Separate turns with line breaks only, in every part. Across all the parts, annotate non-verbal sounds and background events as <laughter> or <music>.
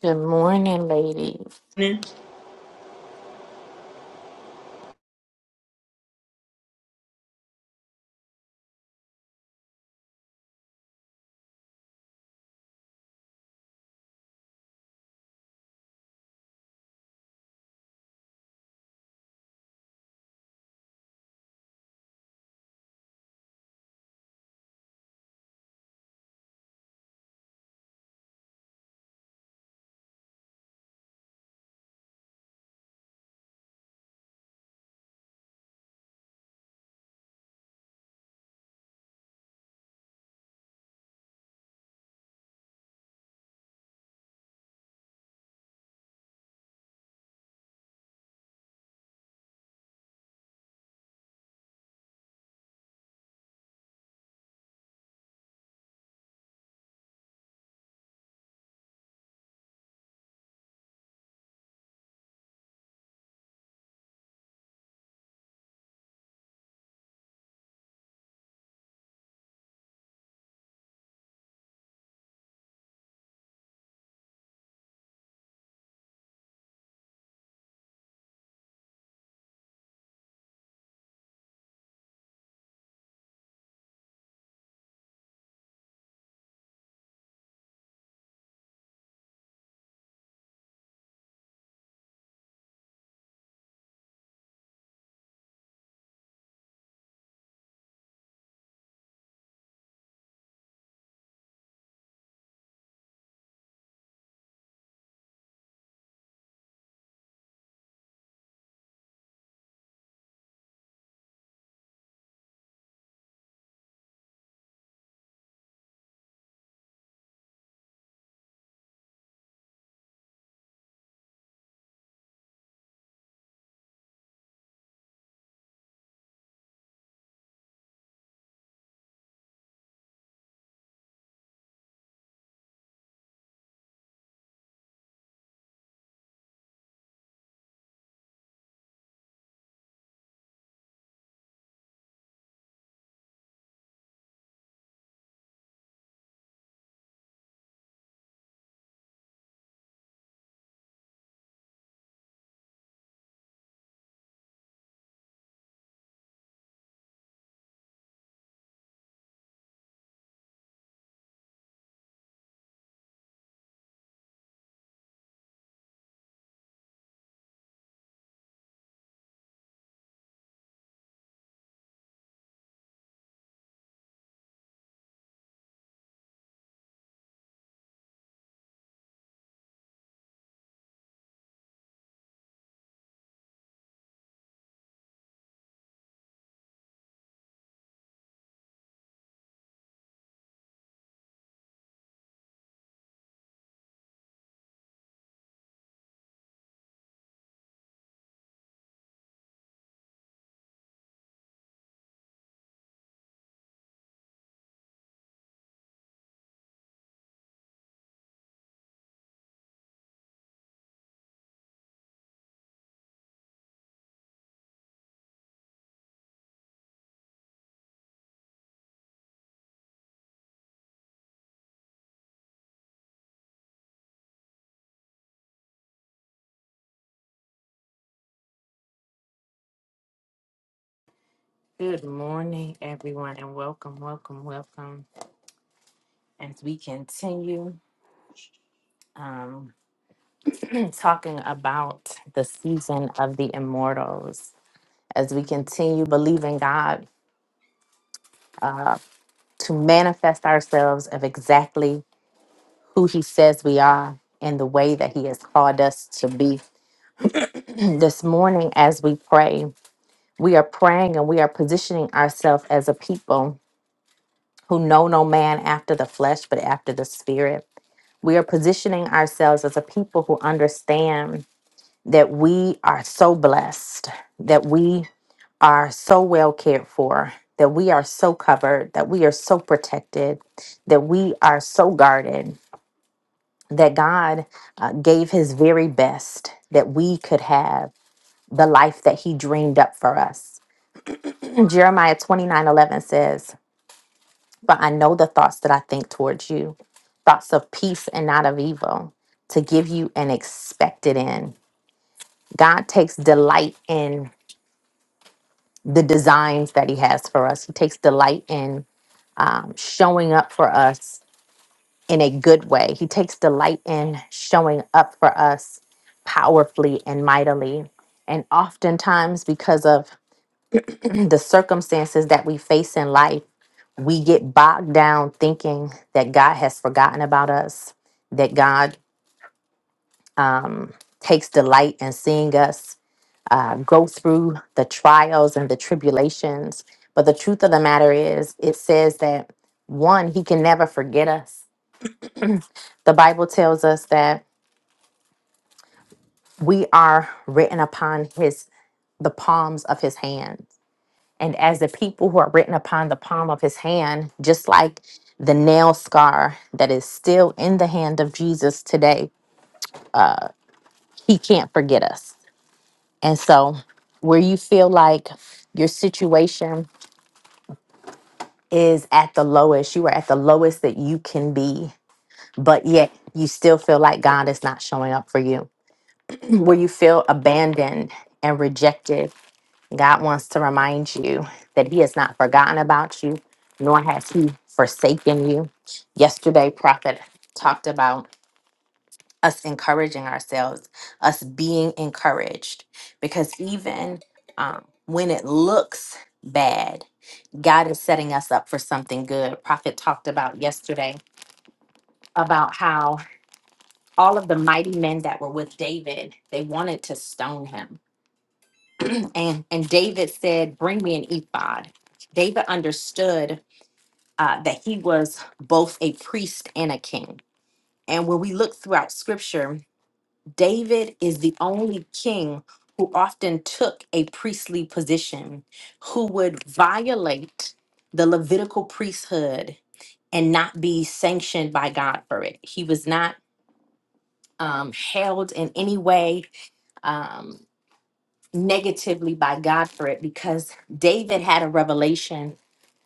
Good morning, ladies.
Amen.
Good morning, everyone, and welcome, welcome, welcome. As we continue um, <clears throat> talking about the season of the immortals, as we continue believing God uh, to manifest ourselves of exactly who He says we are and the way that He has called us to be. <clears throat> this morning, as we pray, we are praying and we are positioning ourselves as a people who know no man after the flesh, but after the spirit. We are positioning ourselves as a people who understand that we are so blessed, that we are so well cared for, that we are so covered, that we are so protected, that we are so guarded, that God uh, gave his very best that we could have the life that he dreamed up for us. <clears throat> Jeremiah 29 11 says, For I know the thoughts that I think towards you, thoughts of peace and not of evil, to give you an expected end. God takes delight in the designs that He has for us. He takes delight in um, showing up for us in a good way. He takes delight in showing up for us powerfully and mightily. And oftentimes, because of <clears throat> the circumstances that we face in life, we get bogged down thinking that God has forgotten about us, that God um, takes delight in seeing us uh, go through the trials and the tribulations. But the truth of the matter is, it says that one, He can never forget us. The Bible tells us that we are written upon His the palms of His hand and as the people who are written upon the palm of his hand, just like the nail scar that is still in the hand of Jesus today, he can't forget us. And so, where you feel like your situation is at the lowest, you are at the lowest that you can be, but yet you still feel like God is not showing up for you, <clears throat> where you feel abandoned and rejected God wants to remind you that He has not forgotten about you, nor has He forsaken you. Yesterday, Prophet talked about us encouraging ourselves, us being encouraged, because even um, when it looks bad, God is setting us up for something good. Prophet talked about yesterday about how all of the mighty men that were with David, they wanted to stone him and and David said, "Bring me an ephod." David understood uh, that he was both a priest and a king. And when we look throughout Scripture, David is the only king who often took a priestly position, who would violate the Levitical priesthood and not be sanctioned by God for it. He was not um, held in any way um, negatively by God for it because David had a revelation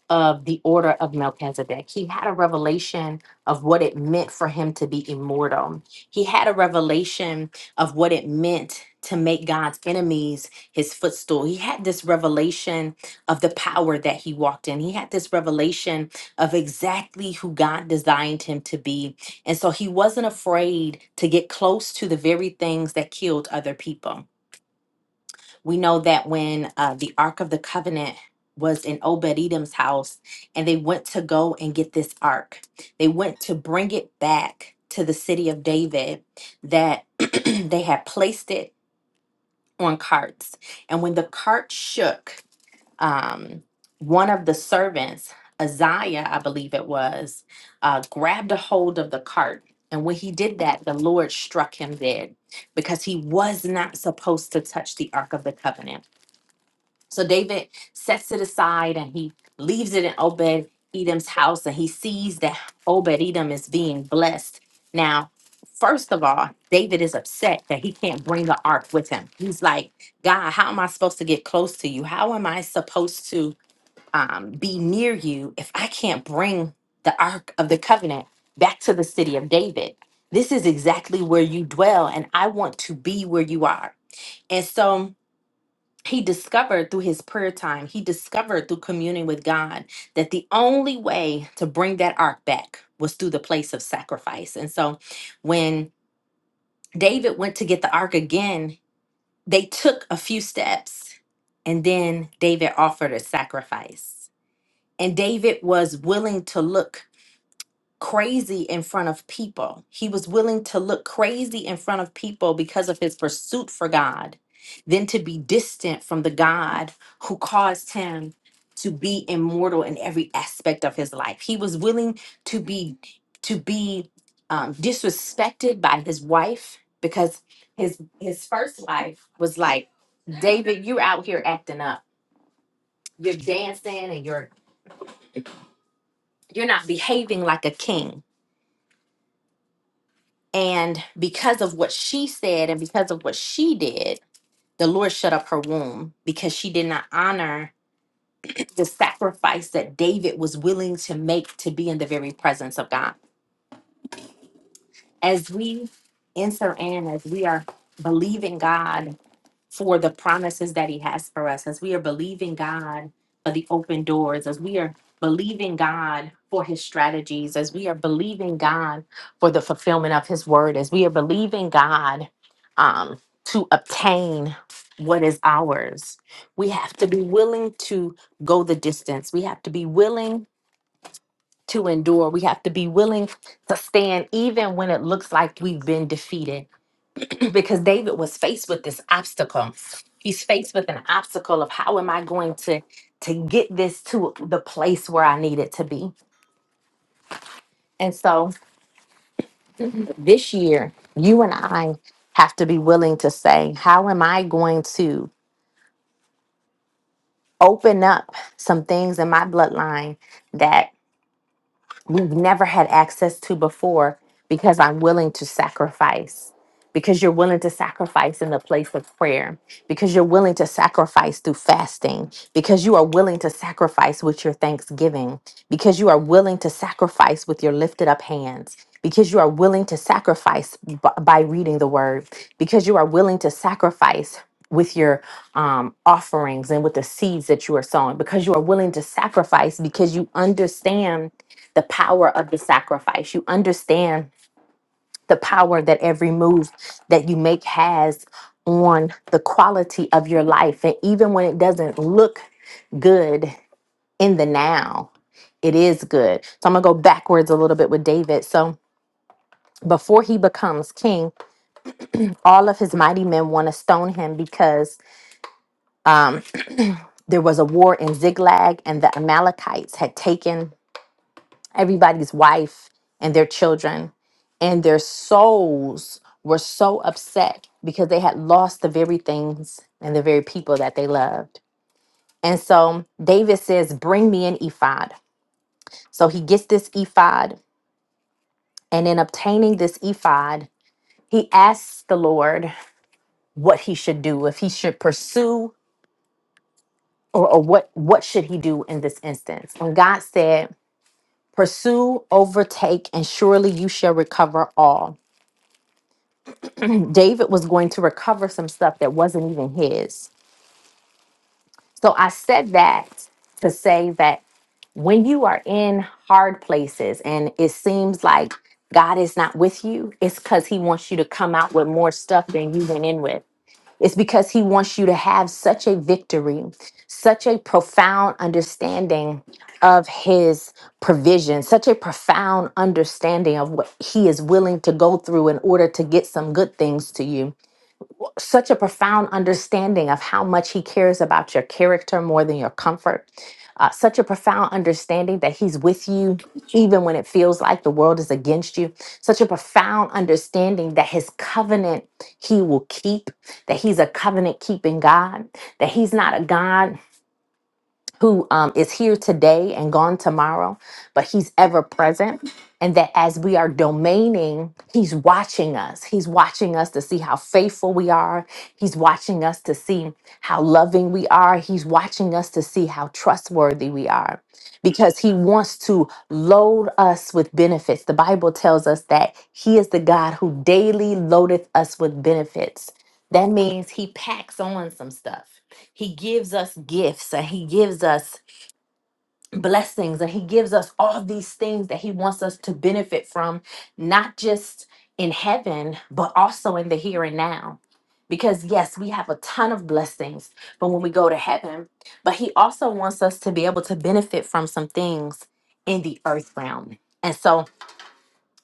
of the order of Melchizedek. He had a revelation of what it meant for him to be immortal. He had a revelation of what it meant to make God's enemies his footstool. He had this revelation of the power that he walked in. He had this revelation of exactly who God designed him to be. And so he wasn't afraid to get close to the very things that killed other people. We know that when uh, the Ark of the Covenant was in Obed Edom's house, and they went to go and get this Ark, they went to bring it back to the city of David, that <clears throat> they had placed it on carts. And when the cart shook, um, one of the servants, Isaiah, I believe it was, uh, grabbed a hold of the cart. And when he did that, the Lord struck him dead because he was not supposed to touch the Ark of the Covenant so David sets it aside and he leaves it in Obed Edom's house and he sees that Obed Edom is being blessed. Now, first of all, David is upset that he can't bring the ark with him. He's like, God, how am I supposed to get close to you? How am I supposed to um, be near you if I can't bring the ark of the covenant back to the city of David? This is exactly where you dwell, and I want to be where you are. And so, he discovered through his prayer time, he discovered through communing with God that the only way to bring that ark back was through the place of sacrifice. And so when David went to get the ark again, they took a few steps and then David offered a sacrifice. And David was willing to look crazy in front of people. He was willing to look crazy in front of people because of his pursuit for God, than to be distant from the God who caused him to be immortal in every aspect of his life. He was willing to be to be um, disrespected by his wife because his his first wife was like, David, you're out here acting up. You're dancing and you're you're not behaving like a king And because of what she said and because of what she did, the Lord shut up her womb because she did not honor the sacrifice that David was willing to make to be in the very presence of God. As we enter in, as we are believing God for the promises that he has for us as we are believing God for the open doors, as we are believing God for his strategies, as we are believing God for the fulfillment of his word, as we are believing God um, to obtain what is ours. We have to be willing to go the distance. We have to be willing to endure. We have to be willing to stand even when it looks like we've been defeated <clears throat> because David was faced with this obstacle. He's faced with an obstacle of how am I going to to get this to the place where I need it to be. And so this year, you and I have to be willing to say, how am I going to open up some things in my bloodline that? we've never had access to before because I'm willing to sacrifice. Because you're willing to sacrifice in the place of prayer, because you're willing to sacrifice through fasting, because you are willing to sacrifice with your thanksgiving, because you are willing to sacrifice with your lifted up hands, because you are willing to sacrifice b- by reading the word, because you are willing to sacrifice with your um, offerings and with the seeds that you are sowing, because you are willing to sacrifice because you understand the power of the sacrifice. You understand the power that every move that you make has on the quality of your life. And even when it doesn't look good in the now, it is good. So I'm going to go backwards a little bit with David. So before he becomes king, all of his mighty men want to stone him because um, there was a war in Ziglag and the Amalekites had taken everybody's wife and their children and their souls were so upset because they had lost the very things and the very people that they loved and so david says bring me an ephod so he gets this ephod and in obtaining this ephod he asks the lord what he should do if he should pursue or, or what what should he do in this instance and god said pursue overtake and surely you shall recover all David was going to recover some stuff that wasn't even his. So I said that to say that when you are in hard places and it seems like God is not with you, it's because He wants you to come out with more stuff than you went in with. It's because He wants you to have such a victory, such a profound understanding of His provision, such a profound understanding of what He is willing to go through in order to get some good things to you such a profound understanding of how much he cares about your character more than your comfort. Uh, such a profound understanding that he's with you even when it feels like the world is against you. Such a profound understanding that his covenant he will keep, that he's a covenant keeping God, that he's not a God who um, is here today and gone tomorrow, but he's ever present. And that as we are domaining, he's watching us. He's watching us to see how faithful we are. He's watching us to see how loving we are. He's watching us to see how trustworthy we are because he wants to load us with benefits. The Bible tells us that he is the God who daily loadeth us with benefits. That means he packs on some stuff he gives us gifts and He gives us blessings and He gives us all these things that He wants us to benefit from, not just in heaven, but also in the here and now. Because yes, we have a ton of blessings from when we go to heaven, but He also wants us to be able to benefit from some things in the earth realm. And so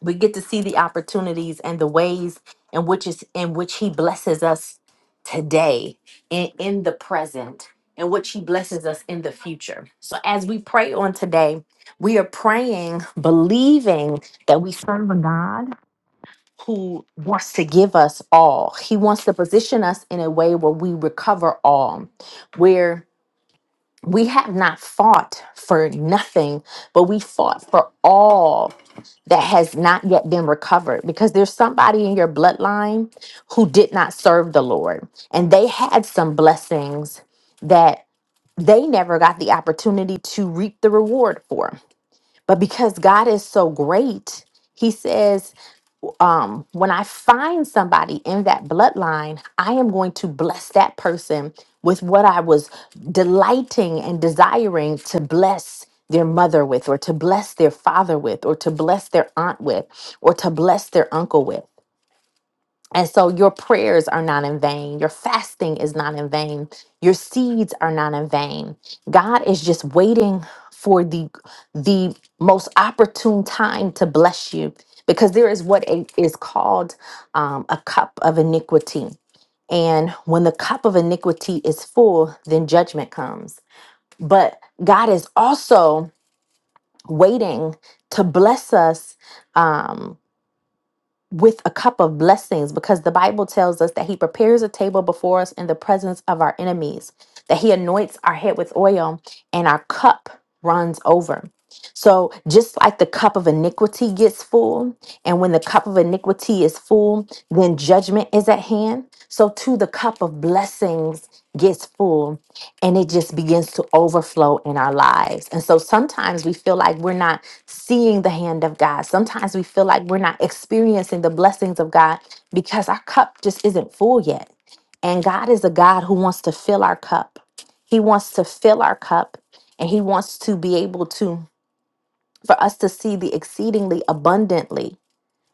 we get to see the opportunities and the ways in which is in which he blesses us today in, in the present in which he blesses us in the future so as we pray on today we are praying believing that we serve a god who wants to give us all he wants to position us in a way where we recover all where we have not fought for nothing but we fought for all that has not yet been recovered because there's somebody in your bloodline who did not serve the Lord and they had some blessings that they never got the opportunity to reap the reward for. But because God is so great, he says so um, when I find somebody in that bloodline, I am going to bless that person with what I was delighting and desiring to bless their mother with, or to bless their father with, or to bless their aunt with, or to bless their uncle with. And so your prayers are not in vain. Your fasting is not in vain. Your seeds are not in vain. God is just waiting for the the most opportune time to bless you because there is what a- is called um, a cup of iniquity. And when the cup of iniquity is full, then judgment comes. But God is also waiting to bless us. Um, with a cup of blessings because the Bible tells us that he prepares a table before us in the presence of our enemies, that he anoints our head with oil and our cup runs over. So, just like the cup of iniquity gets full, and when the cup of iniquity is full, then judgment is at hand. So, too, the cup of blessings gets full and it just begins to overflow in our lives. And so sometimes we feel like we're not seeing the hand of God. Sometimes we feel like we're not experiencing the blessings of God because our cup just isn't full yet. And God is a God who wants to fill our cup. He wants to fill our cup and he wants to be able to for us to see the exceedingly abundantly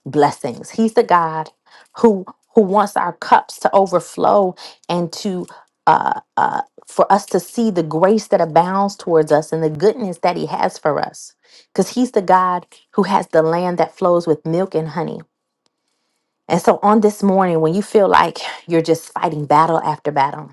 blessings. He's the God who who wants our cups to overflow and to uh, uh, for us to see the grace that abounds towards us and the goodness that He has for us. Because He's the God who has the land that flows with milk and honey. And so on this morning, when you feel like you're just fighting battle after battle,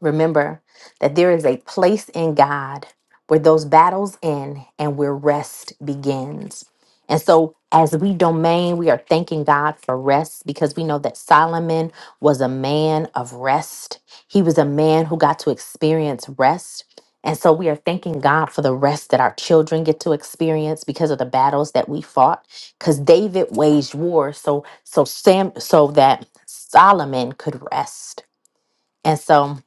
Remember that there is a place in God where those battles end and where rest begins. And so, as we domain, we are thanking God for rest because we know that Solomon was a man of rest. He was a man who got to experience rest. And so, we are thanking God for the rest that our children get to experience because of the battles that we fought. Because David waged war so so Sam so that Solomon could rest. And so,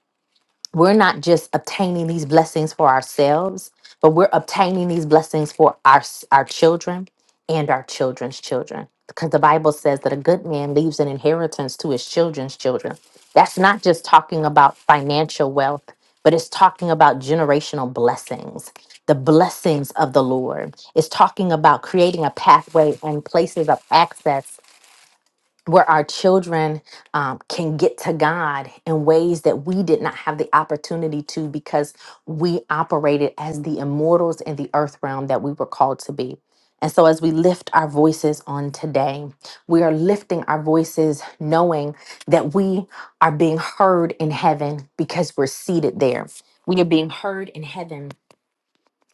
we're not just obtaining these blessings for ourselves, but we're obtaining these blessings for our our children and our children's children. Because the Bible says that a good man leaves an inheritance to his children's children. That's not just talking about financial wealth, but it's talking about generational blessings, the blessings of the Lord. It's talking about creating a pathway and places of access where our children um, can get to God in ways that we did not have the opportunity to because we operated as the immortals in the earth realm that we were called to be. And so, as we lift our voices on today, we are lifting our voices knowing that we are being heard in heaven because we're seated there. We are being heard in heaven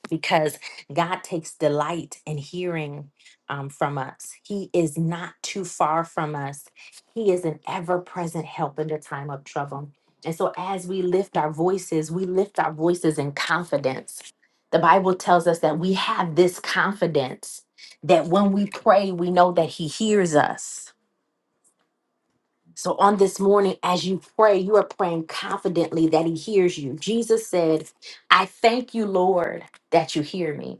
because God takes delight in hearing um, from us. He is not too far from us. He is an ever present help in the time of trouble. And so, as we lift our voices, we lift our voices in confidence. The Bible tells us that we have this confidence that when we pray, we know that He hears us. So, on this morning, as you pray, you are praying confidently that He hears you. Jesus said, I thank you, Lord, that you hear me.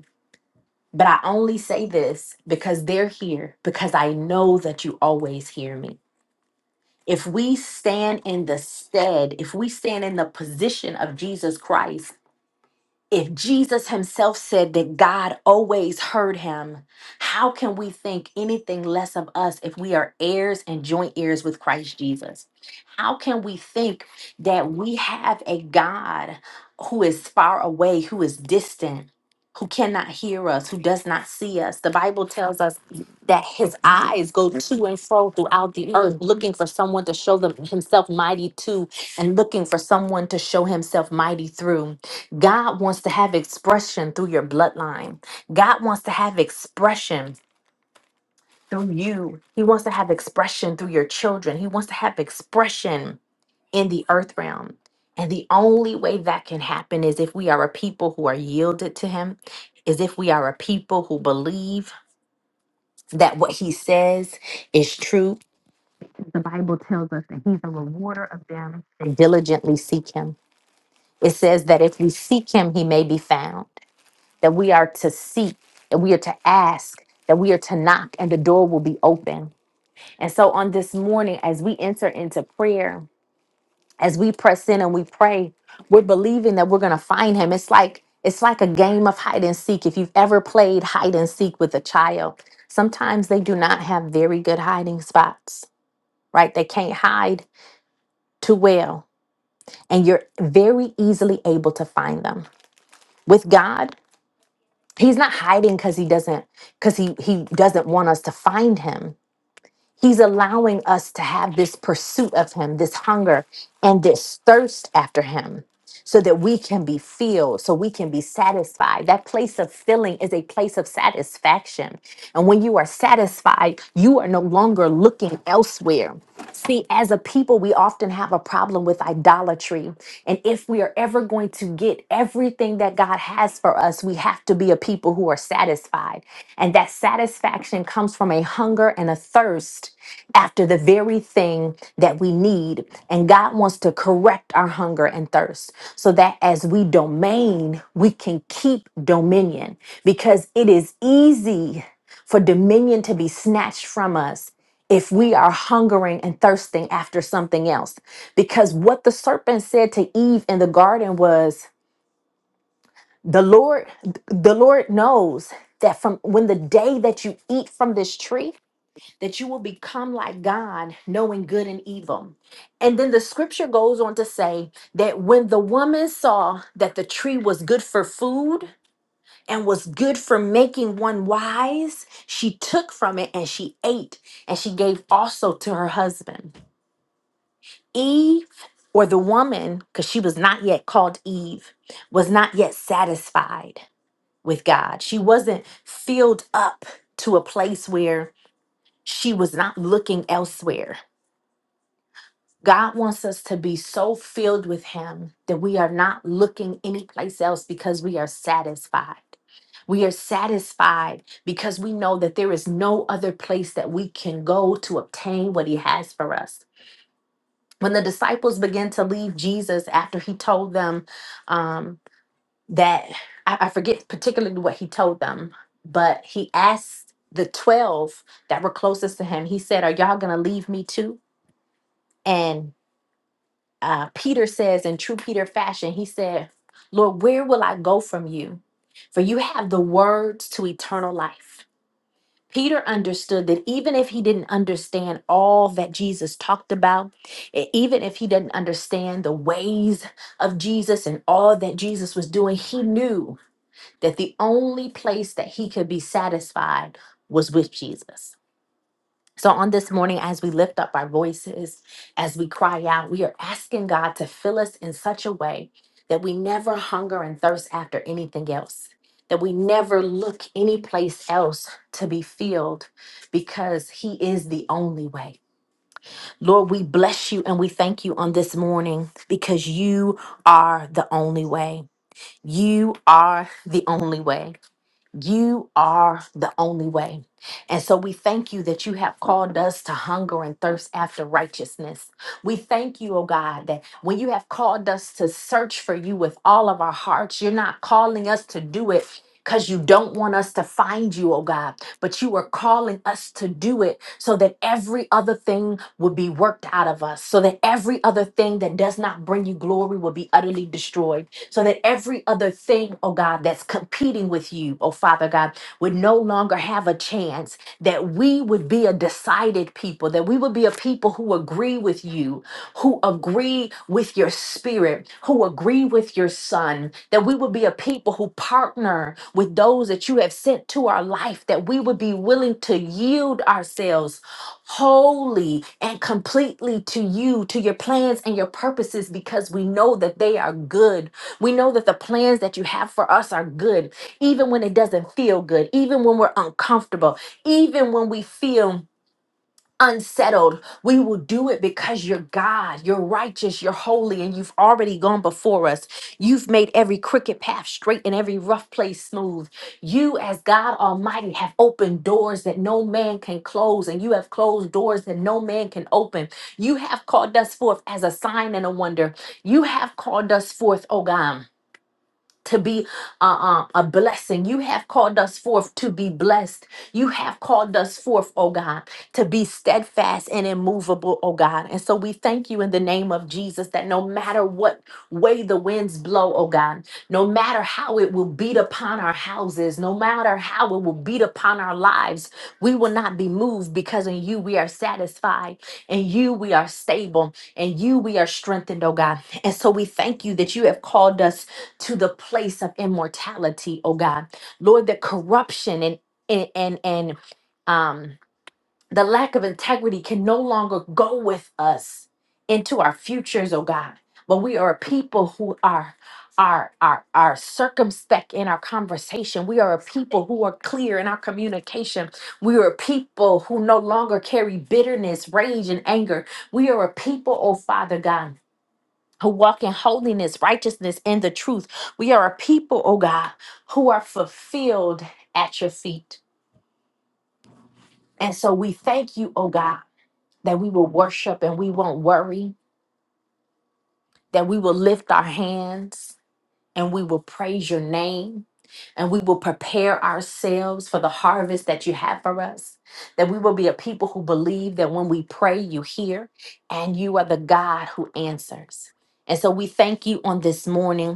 But I only say this because they're here, because I know that you always hear me. If we stand in the stead, if we stand in the position of Jesus Christ, if Jesus himself said that God always heard him, how can we think anything less of us if we are heirs and joint heirs with Christ Jesus? How can we think that we have a God who is far away, who is distant, who cannot hear us, who does not see us? The Bible tells us that his eyes go to and fro throughout the earth, looking for someone to show them himself mighty to and looking for someone to show himself mighty through. God wants to have expression through your bloodline. God wants to have expression through you. He wants to have expression through your children. He wants to have expression in the earth realm. And the only way that can happen is if we are a people who are yielded to Him, is if we are a people who believe that what He says is true. The Bible tells us that He's a rewarder of them that diligently seek Him. It says that if we seek Him, He may be found. that we are to seek, that we are to ask, that we are to knock, and the door will be open. And so on this morning, as we enter into prayer, as we press in and we pray, we're believing that we're gonna find him. It's like it's like a game of hide and seek. If you've ever played hide and seek with a child, sometimes they do not have very good hiding spots, right? They can't hide too well, and you're very easily able to find them. With God, He's not hiding because he doesn't because he he doesn't want us to find him. He's allowing us to have this pursuit of him, this hunger and this thirst after him so that we can be filled, so we can be satisfied. That place of filling is a place of satisfaction. And when you are satisfied, you are no longer looking elsewhere. See, as a people, we often have a problem with idolatry. And if we are ever going to get everything that God has for us, we have to be a people who are satisfied. And that satisfaction comes from a hunger and a thirst after the very thing that we need. And God wants to correct our hunger and thirst so that as we domain, we can keep dominion because it is easy for dominion to be snatched from us if we are hungering and thirsting after something else. Because what the serpent said to Eve in the garden was, the Lord, the Lord knows that from when the day that you eat from this tree, that you will become like God, knowing good and evil. And then the scripture goes on to say that when the woman saw that the tree was good for food and was good for making one wise, she took from it and she ate, and she gave also to her husband. Eve, or the woman, because she was not yet called Eve, was not yet satisfied with God. She wasn't filled up to a place where she was not looking elsewhere. God wants us to be so filled with Him that we are not looking anyplace else because we are satisfied. We are satisfied because we know that there is no other place that we can go to obtain what He has for us. When the disciples began to leave Jesus after He told them um, that, I, I forget particularly what He told them, but He asked the 12 that were closest to Him, He said, Are y'all going to leave me too? and uh, Peter says in true Peter fashion, he said, Lord, where will I go from you? For you have the words to eternal life. Peter understood that even if he didn't understand all that Jesus talked about, e- even if he didn't understand the ways of Jesus and all that Jesus was doing, he knew that the only place that he could be satisfied was with Jesus. So, on this morning, as we lift up our voices, as we cry out, we are asking God to fill us in such a way that we never hunger and thirst after anything else, that we never look any place else to be filled because He is the only way. Lord, we bless you and we thank you on this morning because you are the only way. You are the only way. You are the only way. And so we thank you that you have called us to hunger and thirst after righteousness. We thank you, oh God, that when you have called us to search for you with all of our hearts, you're not calling us to do it because you don't want us to find you, oh God, but you are calling us to do it so that every other thing would be worked out of us, so that every other thing that does not bring you glory will be utterly destroyed, so that every other thing, oh God, that's competing with you, oh Father God, would no longer have a chance, that we would be a decided people, that we would be a people who agree with you, who agree with your spirit, who agree with your son, that we would be a people who partner with those that you have sent to our life, that we would be willing to yield ourselves wholly and completely to you, to your plans and your purposes, because we know that they are good. We know that the plans that you have for us are good, even when it doesn't feel good, even when we're uncomfortable, even when we feel unsettled. We will do it because you're God, you're righteous, you're holy, and you've already gone before us. You've made every crooked path straight and every rough place smooth. You, as God Almighty, have opened doors that no man can close, and you have closed doors that no man can open. You have called us forth as a sign and a wonder. You have called us forth, oh God to be uh, uh, a blessing. You have called us forth to be blessed. You have called us forth, oh God, to be steadfast and immovable, oh God. And so we thank you in the name of Jesus that no matter what way the winds blow, oh God, no matter how it will beat upon our houses, no matter how it will beat upon our lives, we will not be moved because in you we are satisfied, in you we are stable, in you we are strengthened, oh God. And so we thank you that you have called us to the place of immortality, oh God. Lord, that corruption and and and, and um the lack of integrity can no longer go with us into our futures, oh God. But we are a people who are are are are circumspect in our conversation. We are a people who are clear in our communication. We are a people who no longer carry bitterness, rage, and anger. We are a people, oh Father God, who walk in holiness, righteousness, and the truth. We are a people, oh God, who are fulfilled at your feet. And so we thank you, oh God, that we will worship and we won't worry, that we will lift our hands and we will praise your name. And we will prepare ourselves for the harvest that you have for us. That we will be a people who believe that when we pray, you hear, and you are the God who answers. And so we thank you on this morning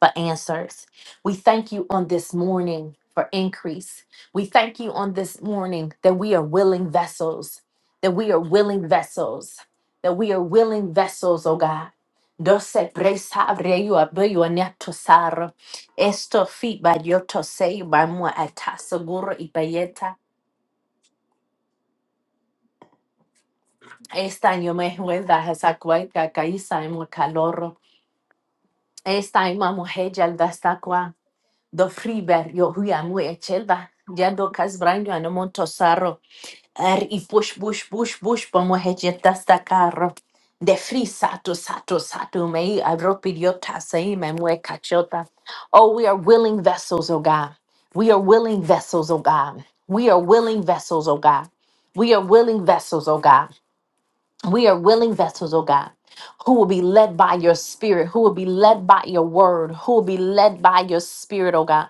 but answers. We thank you on this morning for increase. We thank you on this morning that we are willing vessels, that we are willing vessels, that we are willing vessels, oh God. Dose presa abreu abreu aneto sar. Esto fi bayoto sei bamu atasaguro ipayeta. Esta yo me juega esa cueca caísa en Esta ima mujer do friber yo huya mu e chelba jado kas branyo ano monto saro er i push push push push po mo hejeta sta carro de free sato sato sato me avropidiota sei me mu e cachota oh we are willing vessels oh god we are willing vessels oh god we are willing vessels oh god we are willing vessels oh god we are willing vessels, oh God, who will be led by your spirit, who will be led by your word, who will be led by your spirit, oh God.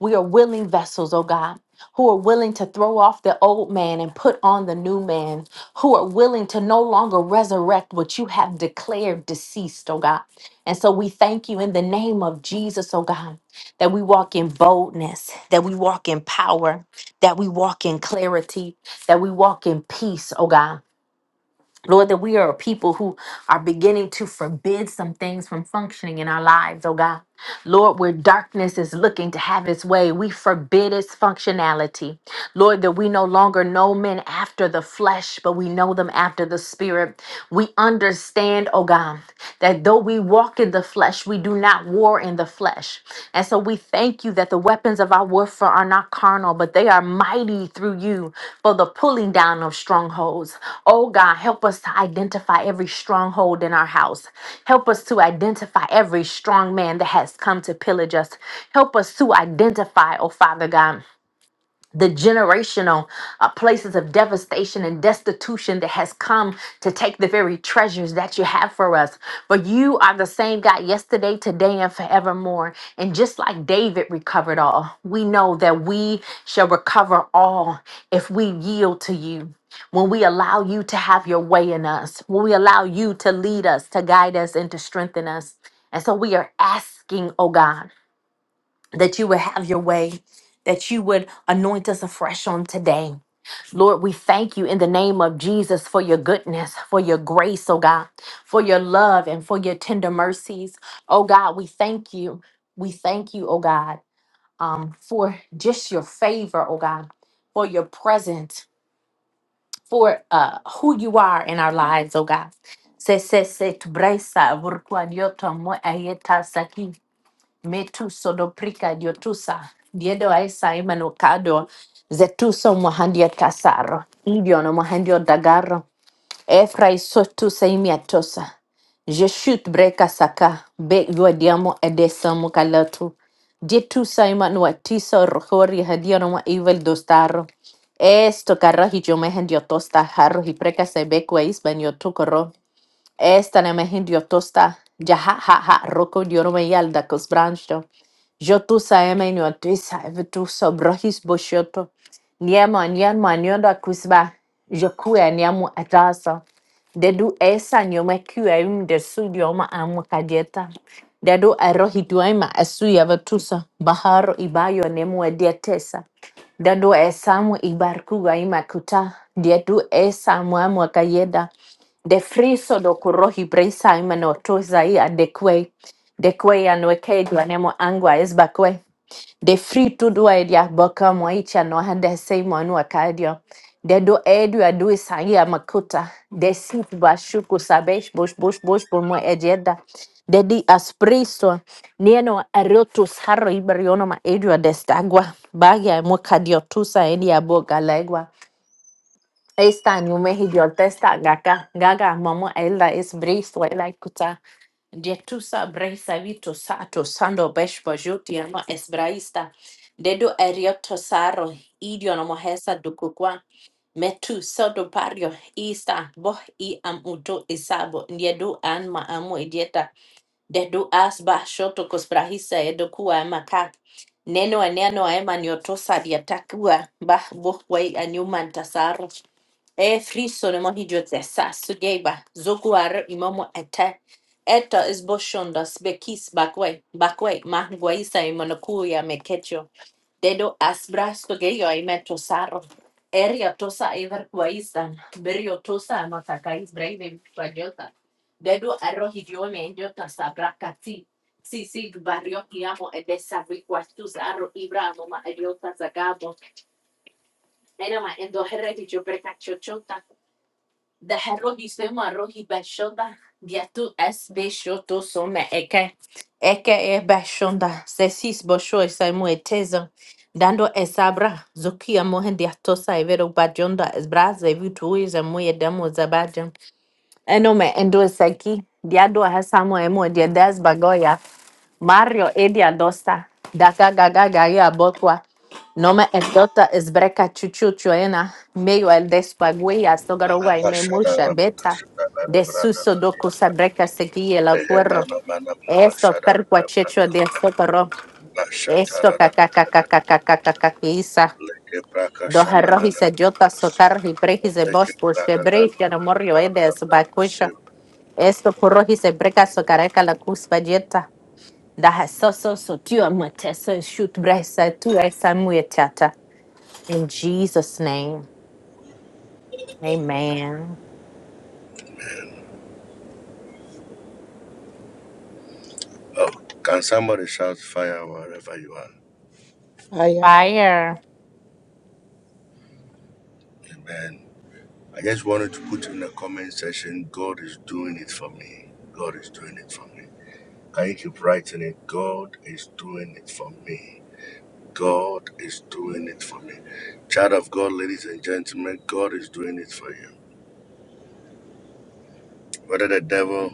We are willing vessels, oh God. Who are willing to throw off the old man and put on the new man, who are willing to no longer resurrect what you have declared deceased, oh God. And so we thank you in the name of Jesus, oh God, that we walk in boldness, that we walk in power, that we walk in clarity, that we walk in peace, oh God Lord, that we are a people who are beginning to forbid some things from functioning in our lives, oh God. Lord, where darkness is looking to have its way, we forbid its functionality. Lord, that we no longer know men after the flesh, but we know them after the spirit. We understand, oh God, that though we walk in the flesh, we do not war in the flesh. And so we thank you that the weapons of our warfare are not carnal, but they are mighty through you for the pulling down of strongholds. Oh God, help us to identify every stronghold in our house. Help us to identify every strong man that has come to pillage us. Help us to identify, oh Father God the generational uh, places of devastation and destitution that has come to take the very treasures that you have for us. But you are the same God yesterday, today, and forevermore. And just like David recovered all, we know that we shall recover all if we yield to you. When we allow you to have your way in us, when we allow you to lead us, to guide us, and to strengthen us. And so we are asking, oh God that you would have your way, that you would anoint us afresh on today. Lord, we thank you in the name of Jesus for your goodness, for your grace, oh God, for your love and for your tender mercies. Oh God, we thank you. We thank you, oh God, um, for just your favor, oh God, for your presence, for uh, who you are in our lives, oh God. Se- se- se- tu bresa, vurkwa nyoto mo ayeta saki metuso doprika diotusa diedo aesa imano kado zetuso mohandio tasaro idiono mohandio dagaro efra isotusa imiatosa jeshut breka saka be yuadiamo edesamo kalatu dietusa imano atiso rohori hadiono mo evil dostaro esto carraji yo me hendio tosta jarro y preca se becua isbanio Esta na mehin tosta ja ha ha ha roko dioro me yal da kos branchto. Jo sa eme nyo tu sa eve tu so brohis boshoto. Niema niema nyoda kusba. Jo kue niamu atasa. Dedu esa nyome kue im de su dioma amu kajeta. Dedu erohi duema esu yave Baharo ibayo nemu ediatesa. Dadu esamu ibarkuga imakuta. Dadu esamu amuakayeda. De friso do kurohi bresa imanotoza ia de kwe. De kwe anueke duanemo angwa esbakwe. The free to do edi aboka mo icha no hande sei mo no akadio de do edu adu isai amakuta de sit bashuku sabesh bosh bosh bosh por mo ejeda The di aspriso nieno arotus harro iberiono ma edu adestagua bagia mo kadio tusa edi aboka legua esta ni umehi dio testa gaga gaga mamo ella es briso ela Dietusa braisa vito sato sando beshbo juti ama esbraista. Dedo erioto saro idio no mohesa dukukwa. Metu sodo pario ista boh i am udo isabo. Ndiedu an ma amu idieta. Dedu asba shoto kusprahisa edukua emaka. Neno eneno ema niotosa diatakua bah bohwai anyuman tasaru. E friso ne mohi jote sa sugeba zoku are imomo ete. Eto is boshondas bekis bakwe bakwe mahguaisa imonokuya mekecho. Dedo asbras geyo imeto saro. Eria tosa iver kuaisa. Berio tosa matakais brave kwajota. Dedo arrojidiomendo tasabrakati. Sisi barrio kiamo edesabi kwastus arro ibramo ma ediota zagabo. Enama endo herregidio precachochota. The herrogi semo arroji bashonda. Diatu es beshoto some eke. Eke e bashonda. Sesis bosho esaimu etezo. Dando esabra. Zokia mohen diatosa evero bajonda esbra zevitu izemu edemo zabajan. Enome endo seki diado hasamo emo diedes bagoya Mario edia dosta daka gaga gaya botwa nome endota esbreka chuchu chuena meio el despaguia
Oh,
sogarowa me mulcha beta de suso doku sabreka seki el cuerro esto perqua checho de socorro esto kakakakakakakakisa doherrohi se jota sotar hi prehi ze bosh por shebrei fianamorio edes bakusha Esto korohi se breka sokareka la kuspajeta. Daha soso sotua mateso shoot bresa tu esa muetata. In Jesus' name. Amen.
can somebody shout fire wherever you are?
Aye,
Fire.
Amen. I just wanted to put in the comment section God is doing it for me. God is doing it for me. Can you keep writing it? God is doing it for me. God is doing it for me. Child of God, ladies and gentlemen, God is doing it for you. Whether the devil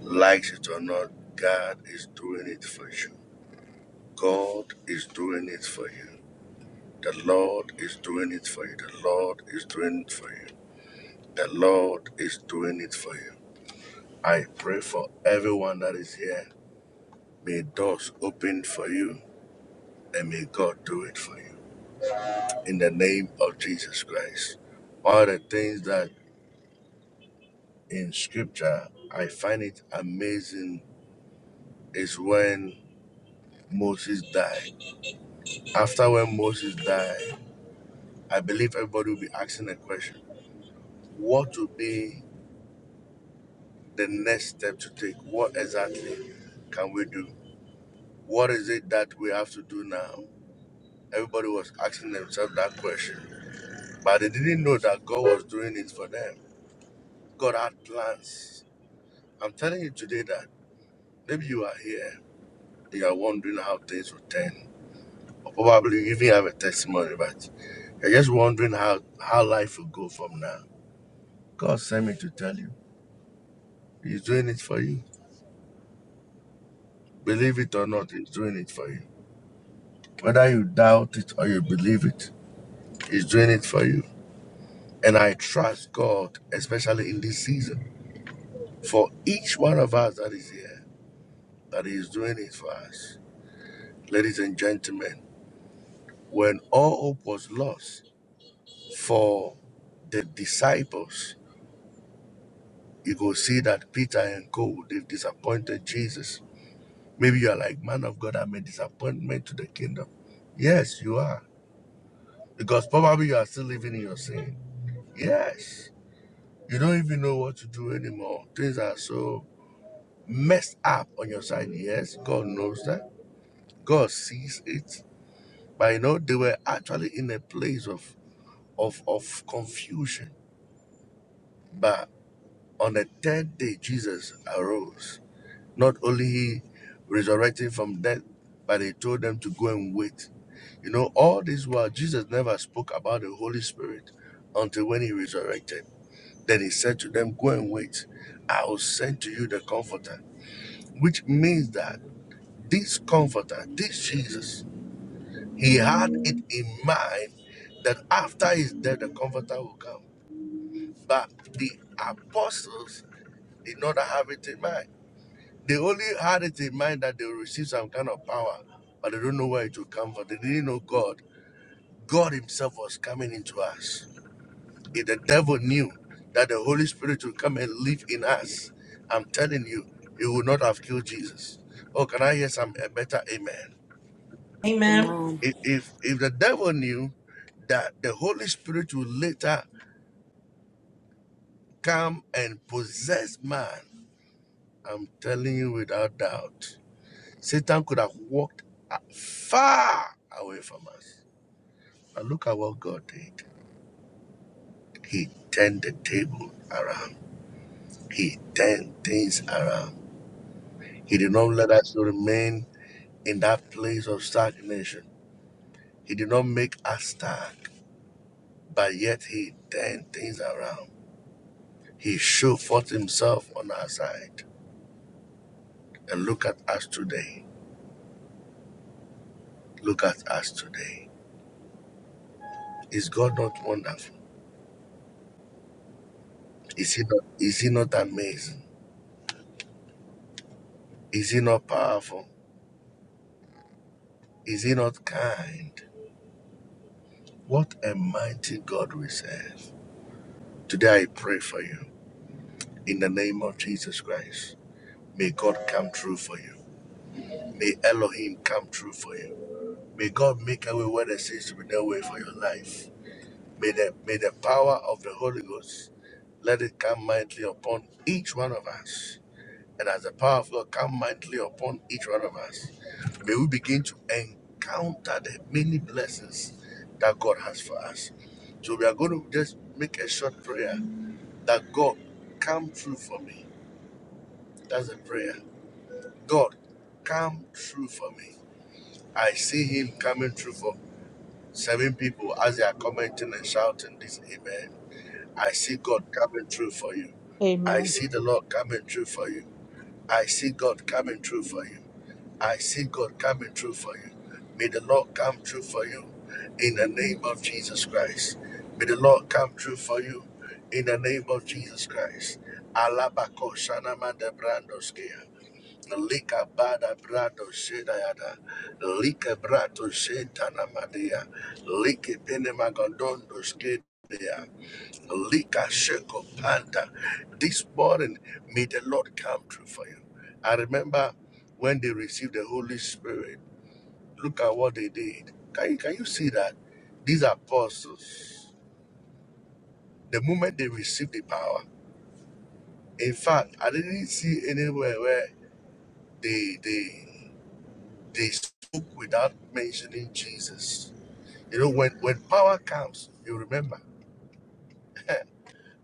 likes it or not, God is doing it for you. God is doing it for you. The Lord is doing it for you. The Lord is doing it for you. The Lord is doing it for you. I pray for everyone that is here. May doors open for you and may God do it for you. In the name of Jesus Christ. One of the things that in scripture, I find it amazing is when Moses died. After when Moses died, I believe everybody will be asking a question. What will be the next step to take? What exactly can we do? What is it that we have to do now? Everybody was asking themselves that question. But they didn't know that God was doing it for them. God had plans. I'm telling you today that maybe you are here, you are wondering how things will turn. Or probably you even have a testimony, but. You're just wondering how, how life will go from now. God sent me to tell you. He's doing it for you. Believe it or not, He's doing it for you. Whether you doubt it or you believe it, He's doing it for you. And I trust God, especially in this season, for each one of us that is here, that He's doing it for us. Ladies and gentlemen, when all hope was lost for the disciples, you go see that Peter and Co. they disappointed Jesus Maybe you are like, man of God, I'm a disappointment to the kingdom. Yes, you are. Because probably you are still living in your sin. Yes. You don't even know what to do anymore. Things are so messed up on your side. Yes, God knows that. God sees it. But you know, they were actually in a place of of, of confusion. But on the third day, Jesus arose. Not only he resurrected from death, but he told them to go and wait You know, all this while Jesus never spoke about the Holy Spirit until when he resurrected. Then he said to them, Go and wait. I will send to you the Comforter, which means that this Comforter, this Jesus, he had it in mind that after his death, the Comforter will come. But the apostles did not have it in mind. They only had it in mind that they will receive some kind of power, but they don't know where it will come from. They didn't know God. God Himself was coming into us. If the devil knew that the Holy Spirit would come and live in us, I'm telling you, he would not have killed Jesus. Oh, can I hear some a better amen?
Amen.
amen,
If, if if the devil knew that the Holy Spirit would later come and possess man, I'm telling you without doubt, Satan could have walked a- far away from us. But look at what God did. He turned the table around. He turned things around. He did not let us remain in that place of stagnation. He did not make us stand, but yet he turned things around. He showed forth himself on our side. And look at us today. Look at us today. Is God not wonderful? Is he not, is he not amazing? Is he not powerful? Is he not kind? What a mighty God we serve. Today I pray for you in the name of Jesus Christ. May God come true for you. May Elohim come true for you. May God make a way where there seems to be no way for your life. May the, may the power of the Holy Ghost let it come mightily upon each one of us. And as the power of God come mightily upon each one of us, may we begin to encounter the many blessings that God has for us. So we are going to just make a short prayer that God come through for me. That's a prayer. God come through for me. I see him coming through for Seven people, as they are commenting and shouting this amen, I see God coming through for you. I see the Lord coming through for you. I see God coming through for you. I see God coming through for you. May the Lord come through for you in the name of Jesus Christ. May the Lord come through for you in the name of Jesus Christ. Alabako Shanama de Lika bada brado shedayada. Lika brato shetana madia. Lika pene magodondo skedea. Lika sheko panda. This morning, may the Lord come through for you. I remember when they received the Holy Spirit. Look at what they did. Can you, can you see that? These apostles, the moment they received the power, in fact, I didn't see anywhere where they, they They spoke without mentioning Jesus. You know, when, when power comes, you remember. <laughs>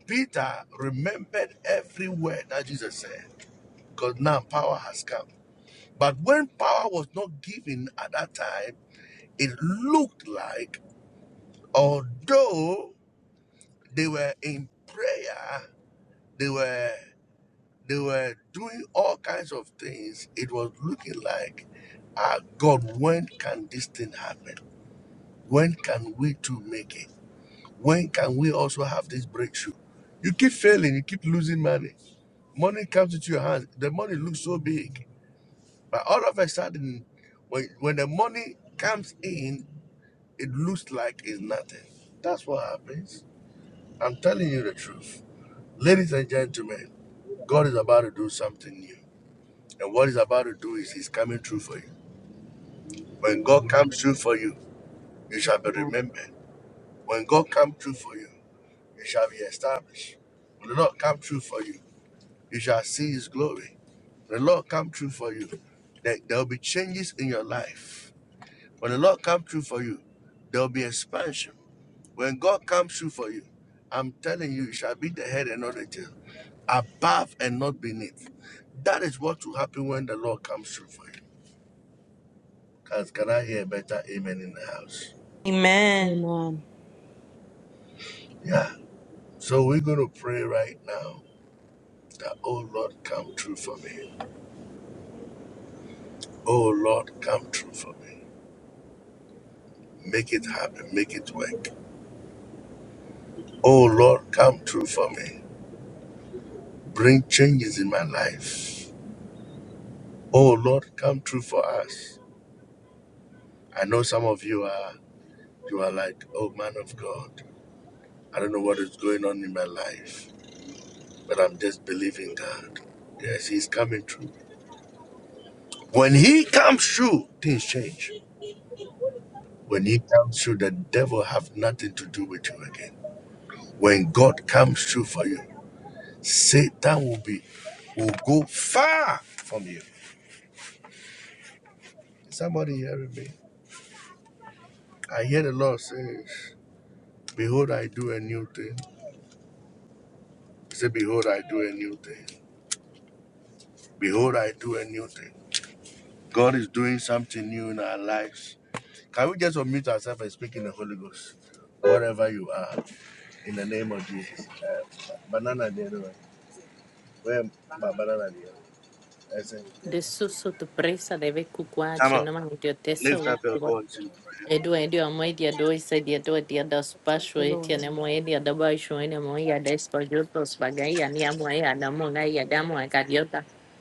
Peter remembered every word that Jesus said because now power has come. But when power was not given at that time, it looked like although they were in prayer, they were they were doing all kinds of things, it was looking like, ah God, when can this thing happen? When can we too make it? When can we also have this breakthrough? You keep failing, you keep losing money. Money comes into your hands. The money looks so big. But all of a sudden, when, when the money comes in, it looks like it's nothing. That's what happens. I'm telling you the truth. Ladies and gentlemen, God is about to do something new. And what he's about to do is he's coming through for you. When God comes through for you, you shall be
amen,
remembered. When God comes through for you, you shall be established. Will not come true for you. You shall see his glory. The Lord come true for you. There there will be changes in your life. When the Lord come true for you, there will be expansion. When God comes true for you, I'm telling you, you shall be the head and not the tail, above and not beneath. That is what will happen when the Lord comes through for you. Can, can I hear a better amen in the house?
Amen.
amen.
Yeah. So we're going to pray right now that, oh Lord, come true for me. Oh Lord, come true for me. Make it happen. Make it work. Oh Lord, come true for me. Bring changes in my life. Oh Lord, come true for us. I know some of you are you are like, oh man of God, I don't know what is going on in my life, but I'm just believing God. Yes, He's coming true. When He comes true, things change. When He comes true, the devil have nothing to do with you again. When God comes true for you, Satan will be will go far from you. Is somebody hearing me? I hear the Lord says, Behold, I do a new thing. He said, Behold, I do a new thing. Behold, I do a new thing. God is doing something new in our lives. Can we just unmute ourselves and speak in the Holy Ghost? Wherever you are, in the name of Jesus. Uh, banana the other Where ba- banana the I said,
De susu tu presa deve
Come
cucuacho
on,
no mami dio
lift up your voice.
Edu edu amoi dia dois e do dia das pacho
Dear
e
Lord,
nemo e da baixo e nemo e a des pajotos bagai a niamo e a namo e a damo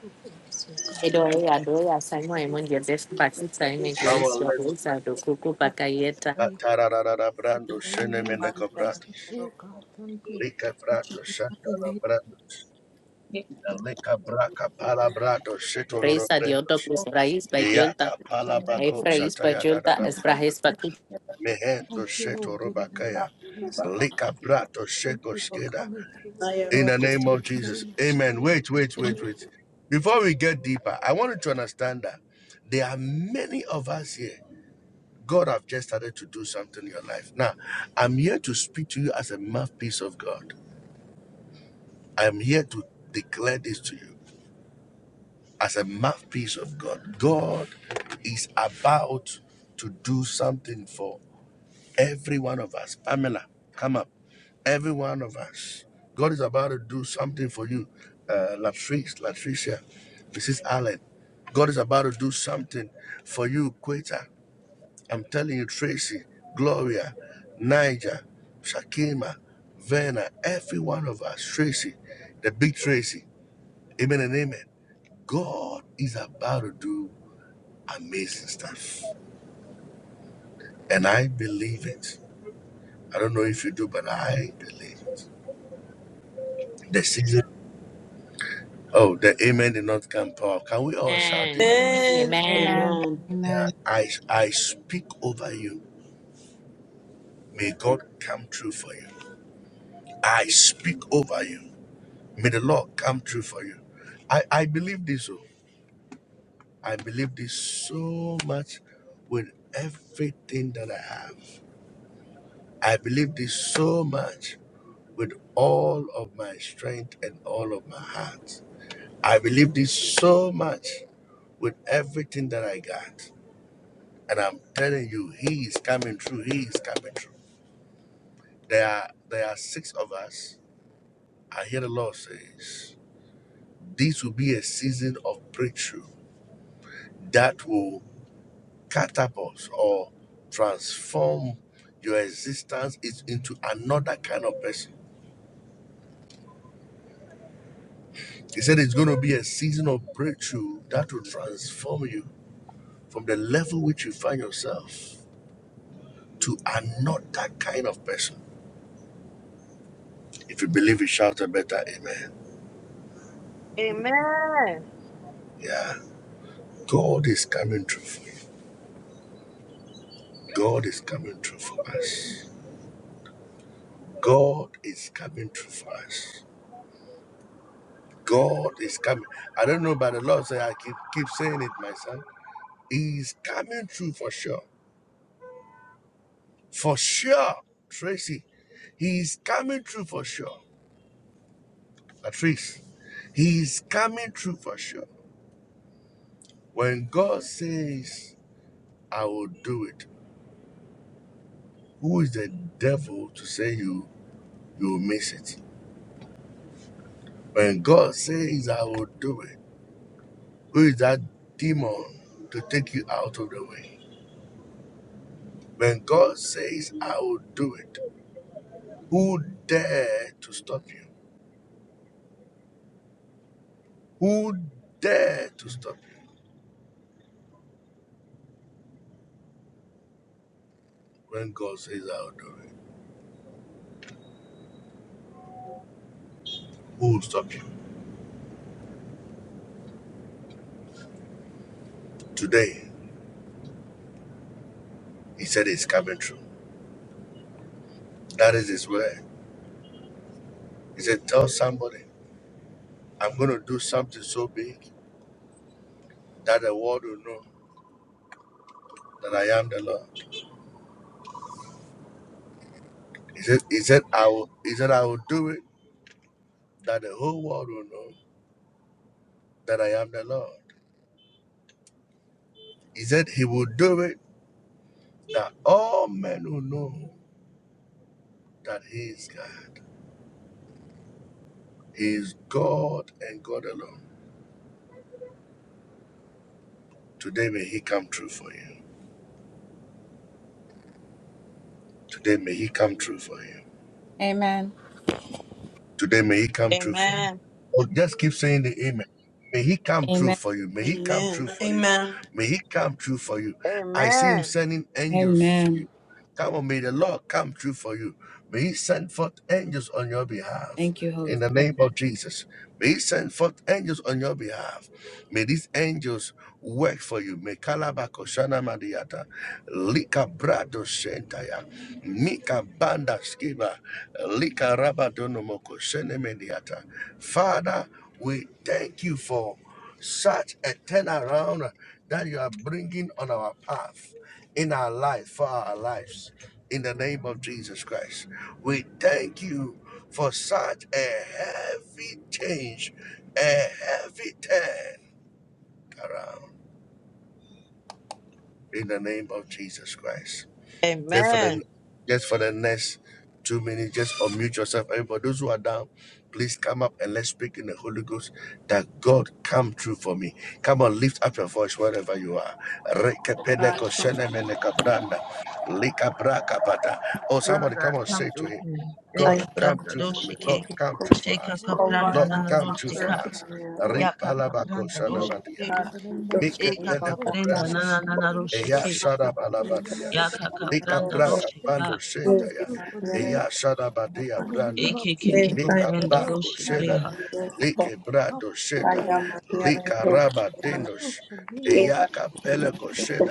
do for us, oh God.
Edo ya do ya sango
That's
emon yedef bakisa ime
Come on,
gweiswa
lift.
uza do kuku
all
bakayeta.
Ba-
thank
tararara
you.
brando
In the name
shenemene
of Jesus,
kobratis.
oh God, thank you.
Lika brato
In the
shandara
name
brando. Leka braka palabrado shetoro
Braisa
brendo
diodo kusrais by Julta.
yaka
of the
palabrako
Efrais
wonderful
by
shataya da da
Julta
da braka
esprahes
Savior.
bakit.
mehento
Thank you, Lord,
shetoro
in the name of
bakaya
Jesus.
leka brato
Thank
sheko
you for
skeda.
coming through. oh,
In the name of
In the
Jesus,
name of Jesus,
Amen. Wait, wait, wait, wait. Before we get deeper, I want you to understand that there are many of us here. God have just started to do something in your life. Now, I'm here to speak to you as a mouthpiece of God. I'm here to declare this to you. as a mouthpiece of God. God is about to do something for every one of us. Pamela, come up. Every one of us. God is about to do something for you. Uh, Latrice, Latricia, Mrs. Allen. God is about to do something for you, Queta. I'm telling you, Tracy, Gloria, Niger, Shakima, Verna, every one of us, Tracy, the big Tracy. Amen and amen. God is about to do Amazing stuff. And I believe it. I don't know if you do, but I believe it. The season. Oh, the amen did not come power. Can we all shout this
Amen.
amen?
Amen.
Amen.
Amen.
Amen.
Amen.
Yeah. I I speak over you. May God come true for you. I speak over you. May the Lord come true for you. I, I believe this. Oh. I believe this so much with everything that I have. I believe this so much with all of my strength and all of my heart. I believe this so much with everything that I got. And I'm telling you, he is coming through. He is coming through. There are there are six of us. I hear the Lord says, this will be a season of breakthrough that will catapult or transform your existence is- into another kind of person. He said it's going to be a season of breakthrough that will transform you from the level which you find yourself to another kind of person. If you believe it, shout a better amen.
Amen.
Yeah. God is coming through for you. God is coming through for us. God is coming through for us. God is coming. I don't know, but the Lord say I keep keep saying it my myself. He's coming through for sure. For sure. Tracy. He's coming through for sure. Patrice. He's coming through for sure. When God says, I will do it, who is the devil to say you you'll miss it? When God says, I will do it, who is that demon to take you out of the way? When God says, I will do it, who dare to stop you? Who dare to stop you? When God says, I will do it, who will stop you? Today, He said it's coming true. That is His word. He said, Tell somebody, I'm going to do something so big that the world will know that I am the Lord. He said, He said, I will, he said, I will do it that the whole world will know that I am the Lord. He said he will do it that all men will know that he is God. He is God and God alone. Today may he come true for you. Today may he come true for you.
Amen.
Today may he come true for you.
Amen.
Oh, just keep saying the amen. May he come true
Amen.
for you. May he come true
Amen.
for you.
Amen.
May he come true for you. I see him
Amen.
sending angels to
Amen.
you. Come on, may the Lord come true for you. We send forth angels on your behalf.
Thank you, Holy
In the
Spirit.
name of Jesus, May He send forth angels on your behalf. May these angels work for you. May Kalabako Shana Madiata, Lika Brado Shentaya, Mika Banda Skiba, Lika Rabadonomoko Shene Mediata. Father, we thank you for such a turnaround that you are bringing on our path, in our life, for our lives in the name of Jesus Christ. We thank you for such a heavy change, a heavy turn around in the name of Jesus Christ. Just for the
Amen.
just for the next two minutes, just unmute yourself. Everybody, those who are down, please come up and let's speak in the Holy Ghost that God come true for me. Come on, lift up your voice wherever you are.
God,
Rekepeneko shenemeneka branda, likabrakabata. Oh,
Father
somebody
God,
come on,
come
say to
through
him,
here.
God
I
Shaka
oh
come
pranda
true for me. Lord,
doshiki.
come true for
Shaka
us.
Father,
Lord,
in the
God,
kapranda
Lord,
come
nana
come true for
through
doshika.
us.
for me.
Lord,
Yaka
Ripalabako
kapranda
you, oh
shanamadia.
God,
doshiki.
in
God,
the
come
name of
through
Jesus,
Mike
for me.
Eka
God,
pele
oh
kapranda
God,
nana
cobrandus.
thank
nana
you, wonderful Savior.
Eya
doshiki.
Thank you,
sharabalabatia.
Mary, God.
Yaka
Lika
kapranda
Thank
braka
you for
pando
doshika.
give
coming
me
shentaya.
through for me.
Eya sharabadia
In the name
branda.
of
Eke keko
Jesus,
Yes, I am
Mika
oh
kapranda
bako
a
Lord,
man
doshiki.
sheda. Like
Come
brado
I
through,
am a
sheda.
man of I am a man I am a
Lika
Come
raba
man
through for me,
Yes,
oh,
Eya kapele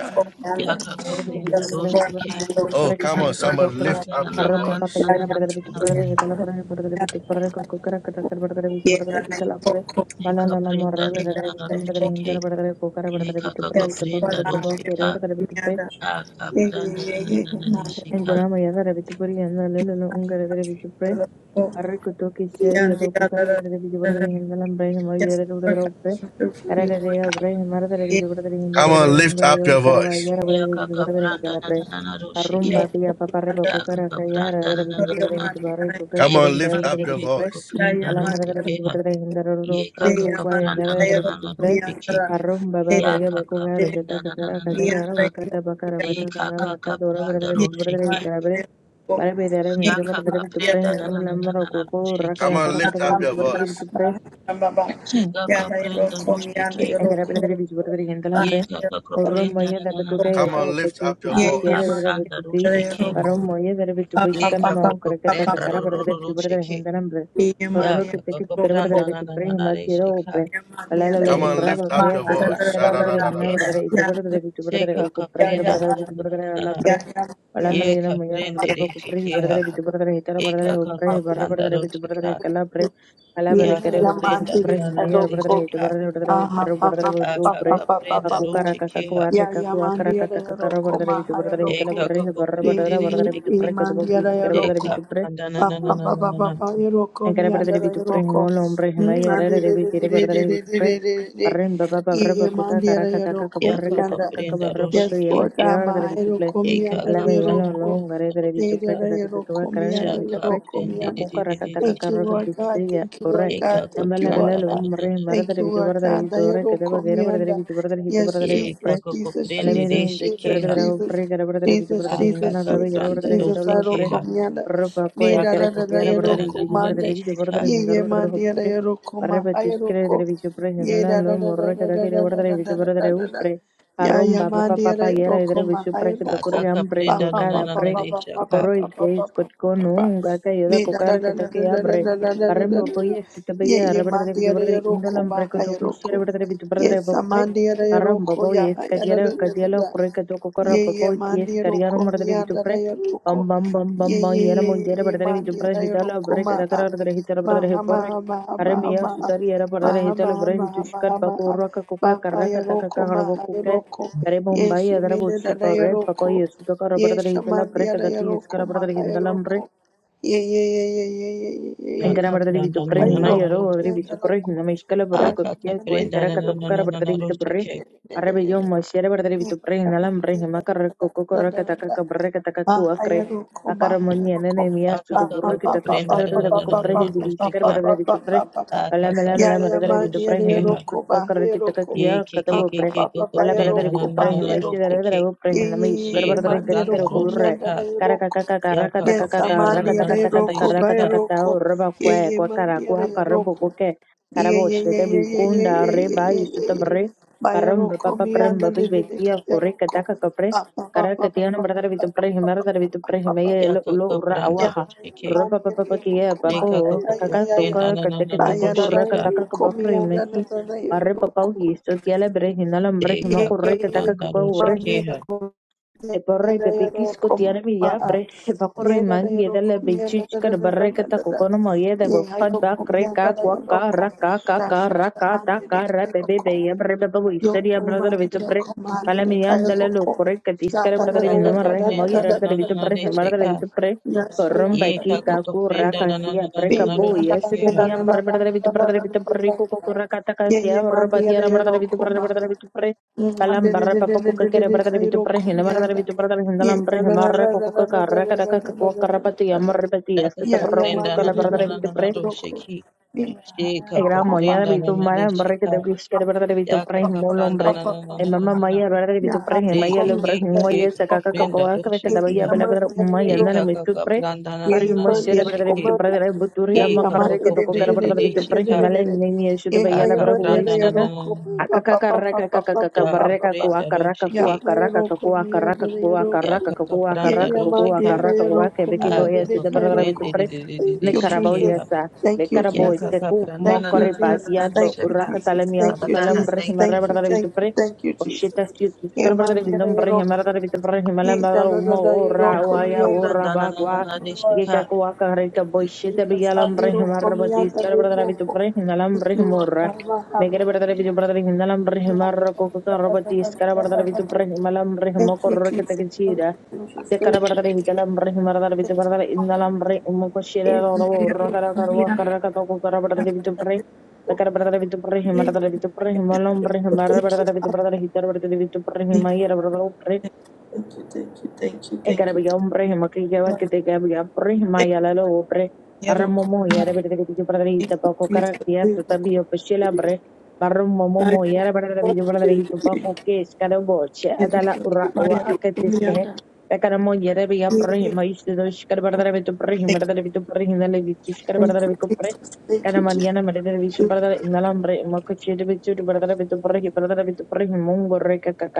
my
Yaka
Lord.
kapranda
Lord, I
doshiki.
am a man
Oh,
I
come
am
on,
Shaka
somebody lift
kapranda
up
nana
your
nana
arropa
nana
papa
voice.
y
nana
era perder bicho
nana.
perder y tal perder perder bicho perder con cocara que tal perder bicho
a
perder
man of
y tal perder pala la pre,
Eka
palala la
pranda
morre
Yes,
nana
perder
nana
bicho perder
doshiki.
hinter perder cocara perder
Yeka
bicho
kaka
perder y tapa
for
prenda
perder
now,
papa pero
roshika.
perder bicho perder
Yanda.
Aka pranda
Yes,
nanana
en
reshika.
cora maya perder bicho perder y anda le le un perder bicho perder arre que to que se y do cocara perder bicho perder y anda la hombre y maya perder
for
perder perder
coming through for
ara
me,
de
Lord.
de
God.
hombre y mar perder
Yeah,
bicho perder y anda
Come
yeah,
perder
on,
un
lift up
gallo
your
cara
voice.
vaya perder
Yaka
bicho
ka
perder y
pranda
tal perder
nanana
धर वाक�?
roshike.
हादे A
for me,
भा-कह
Yanda.
Yaka
ग्या-व स
ka
Dü già
pranda
ए ते ए, रेपक
Know
nanana.
याभ
your
तब
mind,
हुब गचसा, ए
and I know
डबिजब टीस बारी
Come
के
on,
Eke
my
lift
ke ke
up
mind.
your
डिट
ke
तो,
kaka
voice.
Yeah,
prenda
yeah, my
एलाम
mind.
टदे लूर
roshike. ha
थां, ट्यान
Yeka
Yeah, yeah,
kaka
my mind.
pranda
I
रभी
know
nanana
उतन
me,
roshike.
Yanda.
आरो
Yeah,
पोगी हस
Yaka
उत लू ठीस, सुप
ka
मैं आरे
yeah,
prenda
yeah, yeah,
nanana.
I know me, Yanda.
Deka kaka pranda
Yeah, yeah,
बिजस बरहा,
my
जिसमय समन
roshike.
specially
mind.
हो
I
Yaka ka prenda
know.
जितनcott
Come
roshike ha
on, lift
आरो
up your voice.
Baba,
Sheka ka
yana
prenda
yorokumi, yana
roshike.
yorokumi,
आर बांदे भाऊ
yana
Yeka kaka
yorokumi,
prenda
yana
Oromoya da bekoka
Come
nanana.
yera
yorokumi,
on, lift
opetse
up your
kitu
yeye
Aka
tiare
voice.
da
mandi,
pranda
betubi.
yana
roshe ke.
yorokumi,
Oromoya da betubi
papa,
shkan
Eka
papa,
mau
koko
krakata
papa,
prenda
papa,
ro
kakara bara
ro
da
ro
betubi bara
roshe
da
ke.
hendanam bre.
yeye mandi,
Orro
Yaka
yana
kuteke
koko
tikara bara da
pranda
yorokumi,
na na
betubi
na na
hima tiara
reshe ka.
opre.
yeye mandi,
Alala
yana
la la
Come on,
yorokumi,
Eka
urra ba
lift
ma,
up your
kya
kaka
to
ada,
voice.
ada,
pranda
kishkara bara
ada,
da
roshe
ada,
henna
ke
bara
ha.
da
Sha-da-da-da-da-da-da-da.
ito bara da
yana,
betubi bara da
Sheka kaka
okupra kara
yaya,
bara
prenda na
da
na na
mandi,
betubi
na
bara da
na na.
ala
yaya, mandi, yana,
ಒಳಮನೆಗಿನ
Eka
ಮೈಯಾರು
prende
ಬರಬೇಕು
reshe
ಕುಟ್ರಿ
ke
ಬಡದರೆ
ha.
ಬಿದ್ದು ಬಡದರೆ ಹಿತರ ಬಡದರೆ
Eka
ಉಪ್ರೆ
kaka
ಬರ್ರ
pranda
ಬಡದರೆ ಬಿದ್ದು
roshe
ಬಡದರೆ
ka.
ಕಲ್ಲ ಬ್ರೆ ಕಲ
yeye,
ಬೆರೆ ಕೆರೆ
Yaka
yaya,
ಬಡದರೆ ಬಿದ್ದು
mandi,
prenda na
ಬ್ರೆ
yana
na na na
ಮೈಯಾರು ಬಡದರೆ
reshe
yorokumi,
ಹಿಟ್ಟು
ka.
ಬರದೆ ಬಡದರೆ
aha,
ಉಪ್ರೆ
papa,
ಬಡದರೆ ಬಿದ್ದು
Aka
ಉಪ್ರೆ
papa,
kaka
papa,
prenda
ಕಕ್ಕು
papa,
ಕರ
roshe ke
ಕಕ್ಕಕ್ಕು
ha.
ವಾರ
Ya
ಕಕ್ಕು
ya
ವಾಕರ
mandia la
ಕತ್ತ
ya
ಕಕ್ಕರ
roko
ಬಡದರೆ ಬಿದ್ದು
mahaya
ಬಡದರೆ ಹಿತಲ
roko.
Eka
ಬರ್ರೆ
koko
ಬರ್ರ
Ye
prende
ಬಡದರೆ
ye ye
ಬಡದರೆ
reshe
ಬಿದ್ದು
ye
ಬ್ರೆ
ke.
mandia
ಕದಬೋಗಿ
la ya
ಕೆರೆ ಬಡದರೆ
Eka
roko.
ಬಿದ್ದು ಬ್ರೆ
pranda na
Pa
na na
pa
na
pa
na
pa
na
pa
na.
pa ya roko
ಹೆಂಕರ
mi
ಬಡದರೆ
anda la
ಬಿದ್ದು
ya
ಬ್ರೆ
roko.
ಹಿಮೋಲ ಉಂಬ್ರೆ
Mm
ಹಿಮಯ್ಯ
ande
ಎರರೆ
de
ಬಿ
de de
ಕೆರೆ
de
ಬಡದರೆ
de de
ಬಿದ್ದು
de de de de.
Arremba baba
Ye
reba
ye
kuka
mandia la
karaka
ya
taka
roko mi
Yaka
kabarreka
kaka
anda.
taka kaka
prenda
barroko
roshe
to
Yes
ke.
yeba
Lord God
tiara dere
mahaya
bituple.
roko mi
Eka
anda la ya
Alame yala
kapranu
roko.
long gare dere
Ye de
bituple
eka
la
kaka
ya
kaka kaka
roko mi
karaka dere
anda la ya
shaka
bituple.
roko mi
prende de
anda.
de
Akuka
de
raka
de de
taka
Thank you,
karaka
shike
Lord God.
tiksiya
Thank you, Lord
ore.
God.
eka
Thank you,
Ambala bala
kapranda
Lord
na
lo
God.
na na
mre
na
mara
Thank
dere
you,
bitu
Lord
bara dere
God.
bitu ore
Dayaro
kada ba gera bara dere
komianda.
bitu bara dere hita bara
Yes,
dere
eka
Jesus,
upre.
kako
Jesus,
prende
Alame
de
Jesus,
rin deshkara
shike
Jesus,
ha
dere
Jesus,
upre gara bara dere bitu bara
Jesus,
dere
aka
hinana
Jesus,
dere gera
Jesus,
bara
kapranda
dere
do
Jesus.
hita lo
Dayaro
upre.
shike ha
komianda.
Rabako
Me
ya
da
ekara
da
kako
da
kitiara
prenda
dayaro
bordere
na na na
bigi
na
bordere
de
komande.
bigi bordere
shika
Ye
hindar
ye
bordere
mandi
hopre
dayaro koma.
barreba
Dayaro
tuskere dere
ko.
bisu pre
Ye da
henalan lo
da da da
morre
da
kada
da
kire
da
bordere bisu
da da
bordere
da da da.
upre
Ya ya
arromba papa papa
mandere
yera
roko
dere bisu
mahai
pre kada
roko
kurri
aka
hambre
ba
kaprenda
ba
na na
ba
kokara
na
ba
na
pre
ba
de
ba ba ba ba
shaka
akoro
ba ba
ikte
ba ba
iskotko
ba
no
ba
unga ka yoda
ni da da
kokara
da
kada
da da
ke
da da
abre
da da da da da
barrembo
da.
poye
ye
sutabeya
ye
arbordere bisu
mandere
bordere
roko
indalam pre kada
mahai roko
kushira bordere bisu bordere
yes
hopre
mandere
arromba
roko ya
poye
ya da da
skadiara
da da
kadiala
da
kurre kada kokara
Ye ye
popo ikte
mandi
skariaro
roko
bordere bisu
mianda da ya
Bam
roko.
bam bam
Ye
bam bam
ye
yana
ye
mo
ye
yere
ye
perdere vi
mandi
chupra
da ya
hitala
roko
break
ma
da
a.
kara perdere hitala
Ma
perdere he
ha ma
porre
ha ma ha ma
arre
ha
miya
ma ha.
sutari yara
Ma
perdere
ma
hitala break
ma ma
jushkar
ma
paporra ka kuka
Ma ha
karra ka
ya
taka
roko
ka
ma
harbo
ha ya
kuke
roko.
अरे
Ye
Mumbai
she
अदर
mende
बोच पर
ya
रे
roko.
पपई सुतो कर
Ye
बड़दर
she
हितला
mandi
ब्रेक
da ya
दकी इस कर
roko ma
बड़दर
ha ya
हिंदला
roko. Ye ye ye ye ye ye ye ye
ya
ye.
ఇంకన బರ್ತది బిచు
pranda na
పుర్రి
Ma
na
roko
హిమై
na na
ఎరో
do
roko
ఓదరి
shike
బిచు
mianda
పుర్రి
roko.
హిందమ ఇష్కల
Ya
బుర్రు
ya
aka
కొక్కియ
mandi
కోయ్
kaprenda
కర
na na na
కతొక్కర
na na
బರ್ತది
na do
బిచు పుర్రి
shike
అర్ర బియ్యం మొషేర బರ್ತది బిచు
Yes,
పుర్రి హిందల మ్రి
Amandi
హిమ కర్ర కొక్కు
Roko
కొర్ర కతక బర్ర కతక కువక్రె అకర మొన్ని అనన మియాస్
aka
తుదు బుర్రు
kako
కిత
prenda
కష్కర
na na na
దబకు
na
పుర్రి
na
హిది
do
బిష్కర
shika
బర్దరి బిచు పుర్రి
aka
అలా మెల మెల
kapranda
మరదరి
do
బిచు పుర్రి
shike
హిందమ
ha.
ఇష్కుత కర్ర కితక కియ
Ye ke ke
కతబు
ke
పుర్రి
ke ko ko
అలా బలదరి
prenda la
బిచు
la
పుర్రి
la
Hima
la
by
ro
ఇషి
se
Roko.
దరదర
ke
పుర్రి హిందమ
she
ఇష్కర
Ye
ka
బర్దరి గట్కర
pranda ro
కుర్ర
se ka ya ka ka prenda la la la la de se ka
Ribakwe kwakara
Mandi
karibu
Roko.
kuke
Yeah,
karabo
yeah,
shete
yeah, yeah, yeah, yeah, yeah,
bikunda
yeah,
reba
yeah, yeah, yeah.
isutamre paramba
Bayaroko
papa
miyanda
pramba
de de de
bibekia kore
kayaroko.
kataka kapre
Ba ba ba
karar
ba ba
katiana
ba ba
mardar
ba
vitu pre
ba ba
himardar
ba
vitu
ba
pre
ba ba.
himeya
ya
lo
ka ka
ura
pranda
Ya
ro
awaha
se ke
man
ropa
yeah,
papa
yeah,
pakia
roko
de
ma
ka
yeah.
ka
pako
ko
ya ya
ko
kaka
ya ya.
prenda
toka
la la la
kateke
la
toko
ro se
Bayarara
kurra
ka
kataka
roko
kabafre
miyanda de
mechi
de de
arre papa
roko.
ugi istotiala bre hinalam bre
de
Ye
ka ka
himakurre kataka
pranda
kuka
ro se ke
manera
ha
Eporrei
comida yero
pepikizko
coma
tiarmilla pre
yera
epakorreiman
yero
gedele
comida da da
bitxichkar
da da da
barreketa
da da
kokonomoye de
ye
bokhan
yero
bak
comida
reka
da da yero
kuaka
com
raka
da
kaka
sha sha
raka
manera
taka
yero
rebebe
com
beyem rebebe
Yo,
wisteria brother
man!
vitu
Yo,
pre
man! Look
palamiyan dele
how
lo
cool!
korrei
Yeah,
katiskare
la la
brother
la
da ka
vindama
ka
la
re
la la
prenda
moye
la
la la
radar
la
la la
vitu
la
pre
de se
mardar
la
ka
vitu pre
la
korrom
ye
baki
ka
la.
ka ka
kaku
Yeah,
prenda
raka
la la la
tia
la
pre
la la
yeah,
kabu
ro
la la
se ke
yesete
la
ha
la la
biyam
la la
brother
la la
vitu
la
brother vitu
la
pre
la.
ko ko raka taka
Yeah,
tia
yeah, man! Yeah, yeah,
brother vitu
rock,
brother
man!
brother vitu pre
Man,
Palam
la la
barra
la la
papa
la la
kuka
la
kere barra de
la
vitu
la la la
para
la.
hinda barra de vitu para de hinda
Yeah,
lam barra
yeah,
hinda
man! La
barra
la
kuka
la la la
kuka
la la
karra kara
la
kaka
la la
kuka karra pati
la
ya
la.
marra pati
da
ya
ka
skita
ka
Yeah,
barra
yeah, man!
kuka
La
prenda la
la
kala
la la la la
la
la
barra
la
de
la
vitu
la la
pre
ro se ke she ka
la
ka
egra
la la
moya
la
de
prenda
la.
la
vitu
la de
mara
se
barra que
ka
te quis kere barra de vitu para
Yaka
hinda un
kapranda
hombre
na na na
e
na na
mamá
na na.
maya barra de vitu
Yaha
para hinda
De
maya le
ke
kokomi
barra
ke ke
hinda
ke
tabari
moya se kaka
koko.
kaka
kapranda
que
do
kare que
Ye
te
shiki
vaya
ha.
bela
kamar
barra
yare
maya
ro
andana
Eka
me
ka
tu pre
kapranda na
para
na
Yeye
un
na na
man
moya
de
de
yere
barra de
shiki.
vitu para
komanda.
de buturi ama
Yaya
Eka
man
ka
karra que
yere
toco
de
kara
de de
kaprende
barra
de
de
de
de
vitu
de
para hinda
de
shika.
de
mala
de de.
ni ni eso de vaya la
Yaya
Aka
barra
man yere
pranda na
kuka
yere
na na na na.
kopa papa papa papa papa papa
Da
pa pa pa pa pa.
kapranda do shiki.
Yapa yere man, yere yere ko.
Yaka kapranda
Yaya
do
man
shika.
yere yere komiya
Aka ka kaprende de
Yes,
de de de de
Thank you
Nicaragua,
shiki
Jesus.
ha.
yes, sir.
Thank you
Nicaragua,
Yaka
Jesus.
Seku,
kapranda na
Thank you
na na na
Mokoriba,
na na
Jesus.
de
Yato,
Thank you
shika.
Jesus.
Urakatalemi,
Thank
Father
you
God,
Sutalam,
I
Jesus.
thank
Brahimara,
you.
Thank you
brother vitupre. the
thank you
pre,
thank you Jesus.
Oshita,
Yaya
Sutkar,
man
brother with
yere
them,
yere ko.
Brahimara, with the Brahimala,
Ye da da da
Umo,
da ye ro
Ora,
Yaka
Waya,
komianda.
Ora,
kapranda na na na
Bagua,
Thank
na de
you, Lord.
shika.
Yakakuaka, Rika,
Thank you,
Boshita,
Jesus. Ha
Bigalam,
ye ro
Brahimara, but this
komianda
car,
re
brother
ro
with the
ko.
Brahimalam,
Thank you, Lord.
Brahimura.
Karma ha
Make
ro
a brother with your
komianda.
vitupre in the
Ya
Lambrahimara, Coca,
da
Robert,
da da da da
this car,
da
brother
da da
with
da
the
da.
Brahimalam,
Thank you, Jesus. Thank you, Jesus.
Dekara
Thank you,
barada
Jesus.
hitala barada himarada bitu
Thank you,
barada
Father.
indala barada imoko
Ye
shira
da da
roro
ye
roro
ro
kara kara wa
komianda.
kara kata ko kara barada
Da da
bitu
da
barada
ye ro ko.
dekara barada bitu barada
Ye
himarada bitu barada
da da
himala
da ye
barada
ro ko.
himara
Thank you,
barada bitu
Father.
barada hitar barada bitu barada himayira barada
Thank you, thank you, thank you, thank you, thank you.
Ekarabiga umbrahima kijawa
Thank
kete karabiga prihima yalalo upre
you,
barra
Lord.
momo
Thank you,
yara
Lord.
berde kete kete berde
Thank
ita
you,
pako
Jesus.
karakia
We will
sota biyo peshila bre barra momo
glorify you.
mo yara berde kete berde ita
Hallelujah.
pako kes kada boche
And
adala
I
ura o
glorify
a wa
you.
aketis kehe
Amen.
Ekara mo yara biga prihima ishte do shikar berde kete
Thank you,
prihima berde kete prihima le bitu shikar
thank
berde
you,
kete pre
Jesus. Thank
Kana
you, Jesus.
Mariana berde kete bitu berde inalambre ima kuchete bitu berde kete prihima berde kete prihima mungo reka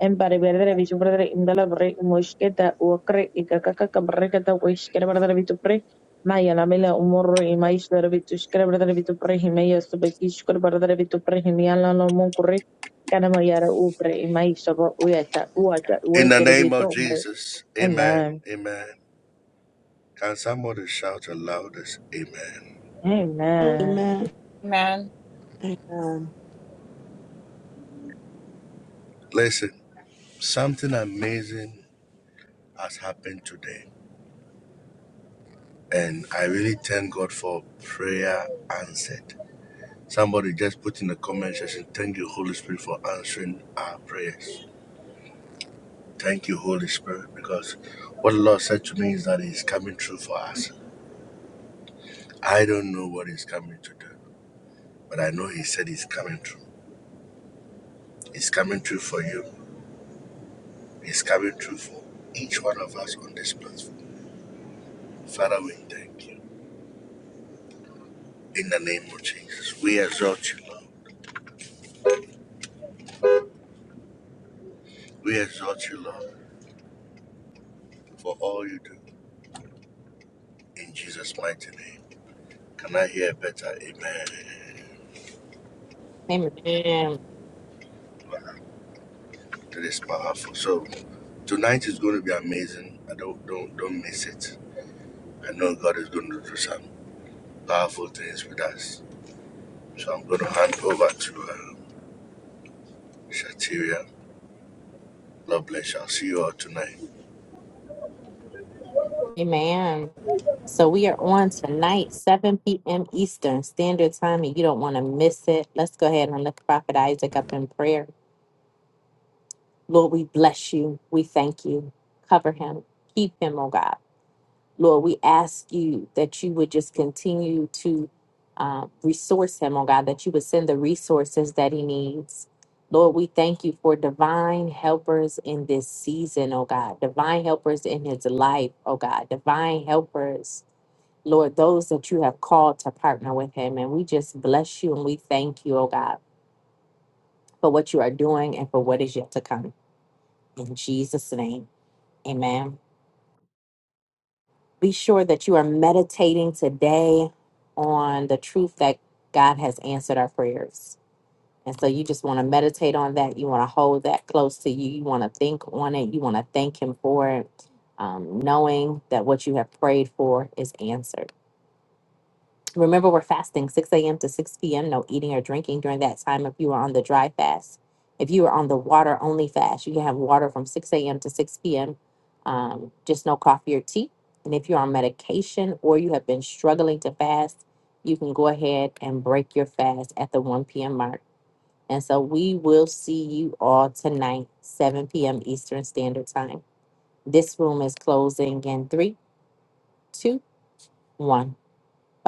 Embari berdere visu berdere indala bere moishketa uokre ikakakaka berreketa uishkere berdere bitu pre maya lamela umorro imaish dere bitu shkere berdere bitu pre himeya subekishkere berdere bitu pre himiala no munkure kana mariara upre imaish sabo uyata uata
In the
uekere
name
bitu
of
umre
Jesus, amen,
amen
amen. Can somebody shout the loudest amen?
amen
Amen.
Amen.
Amen.
Listen, something amazing has happened today, and I really thank God for prayer answered. Somebody just put in the comment section, thank you, Holy Spirit, for answering our prayers. Thank you, Holy Spirit, because what the Lord said to me is that He's coming through for us. I don't know what He's coming to do, but I know He said He's coming through. It's coming true for you. It's coming true for each one of us on this platform. Father, we thank you. In the name of Jesus, we exalt you, Lord. We exalt you, Lord, for all you do. In Jesus' mighty name. Can I hear better? Amen.
Amen.
Wow, That is powerful. So tonight is going to be amazing. I don't don't don't miss it. I know God is going to do some powerful things with us. So I'm going to hand over to uh, Shatiria. God bless you. I'll see you all tonight.
Amen. So we are on tonight, 7 p.m. Eastern Standard Time, and you don't want to miss it. Let's go ahead and lift Prophet Isaac up in prayer. Lord, we bless you. We thank you. Cover him. Keep him, oh God. Lord, we ask you that you would just continue to uh, resource him, oh God, that you would send the resources that he needs. Lord, we thank you for divine helpers in this season, oh God, divine helpers in his life, oh God, divine helpers, Lord, those that you have called to partner with him. And we just bless you and we thank you, oh God, for what you are doing and for what is yet to come. In Jesus' name, amen. Be sure that you are meditating today on the truth that God has answered our prayers. And so you just want to meditate on that. You want to hold that close to you. You want to think on it. You want to thank Him for it, um, knowing that what you have prayed for is answered. Remember, we're fasting 6 a.m. to 6 p.m. No eating or drinking during that time if you are on the dry fast. If you are on the water only fast, you can have water from 6 a.m. to 6 p.m., um, just no coffee or tea. And if you're on medication or you have been struggling to fast, you can go ahead and break your fast at the 1 p.m. mark. And so we will see you all tonight, 7 p.m. Eastern Standard Time. This room is closing in three, two, one. Bye bye.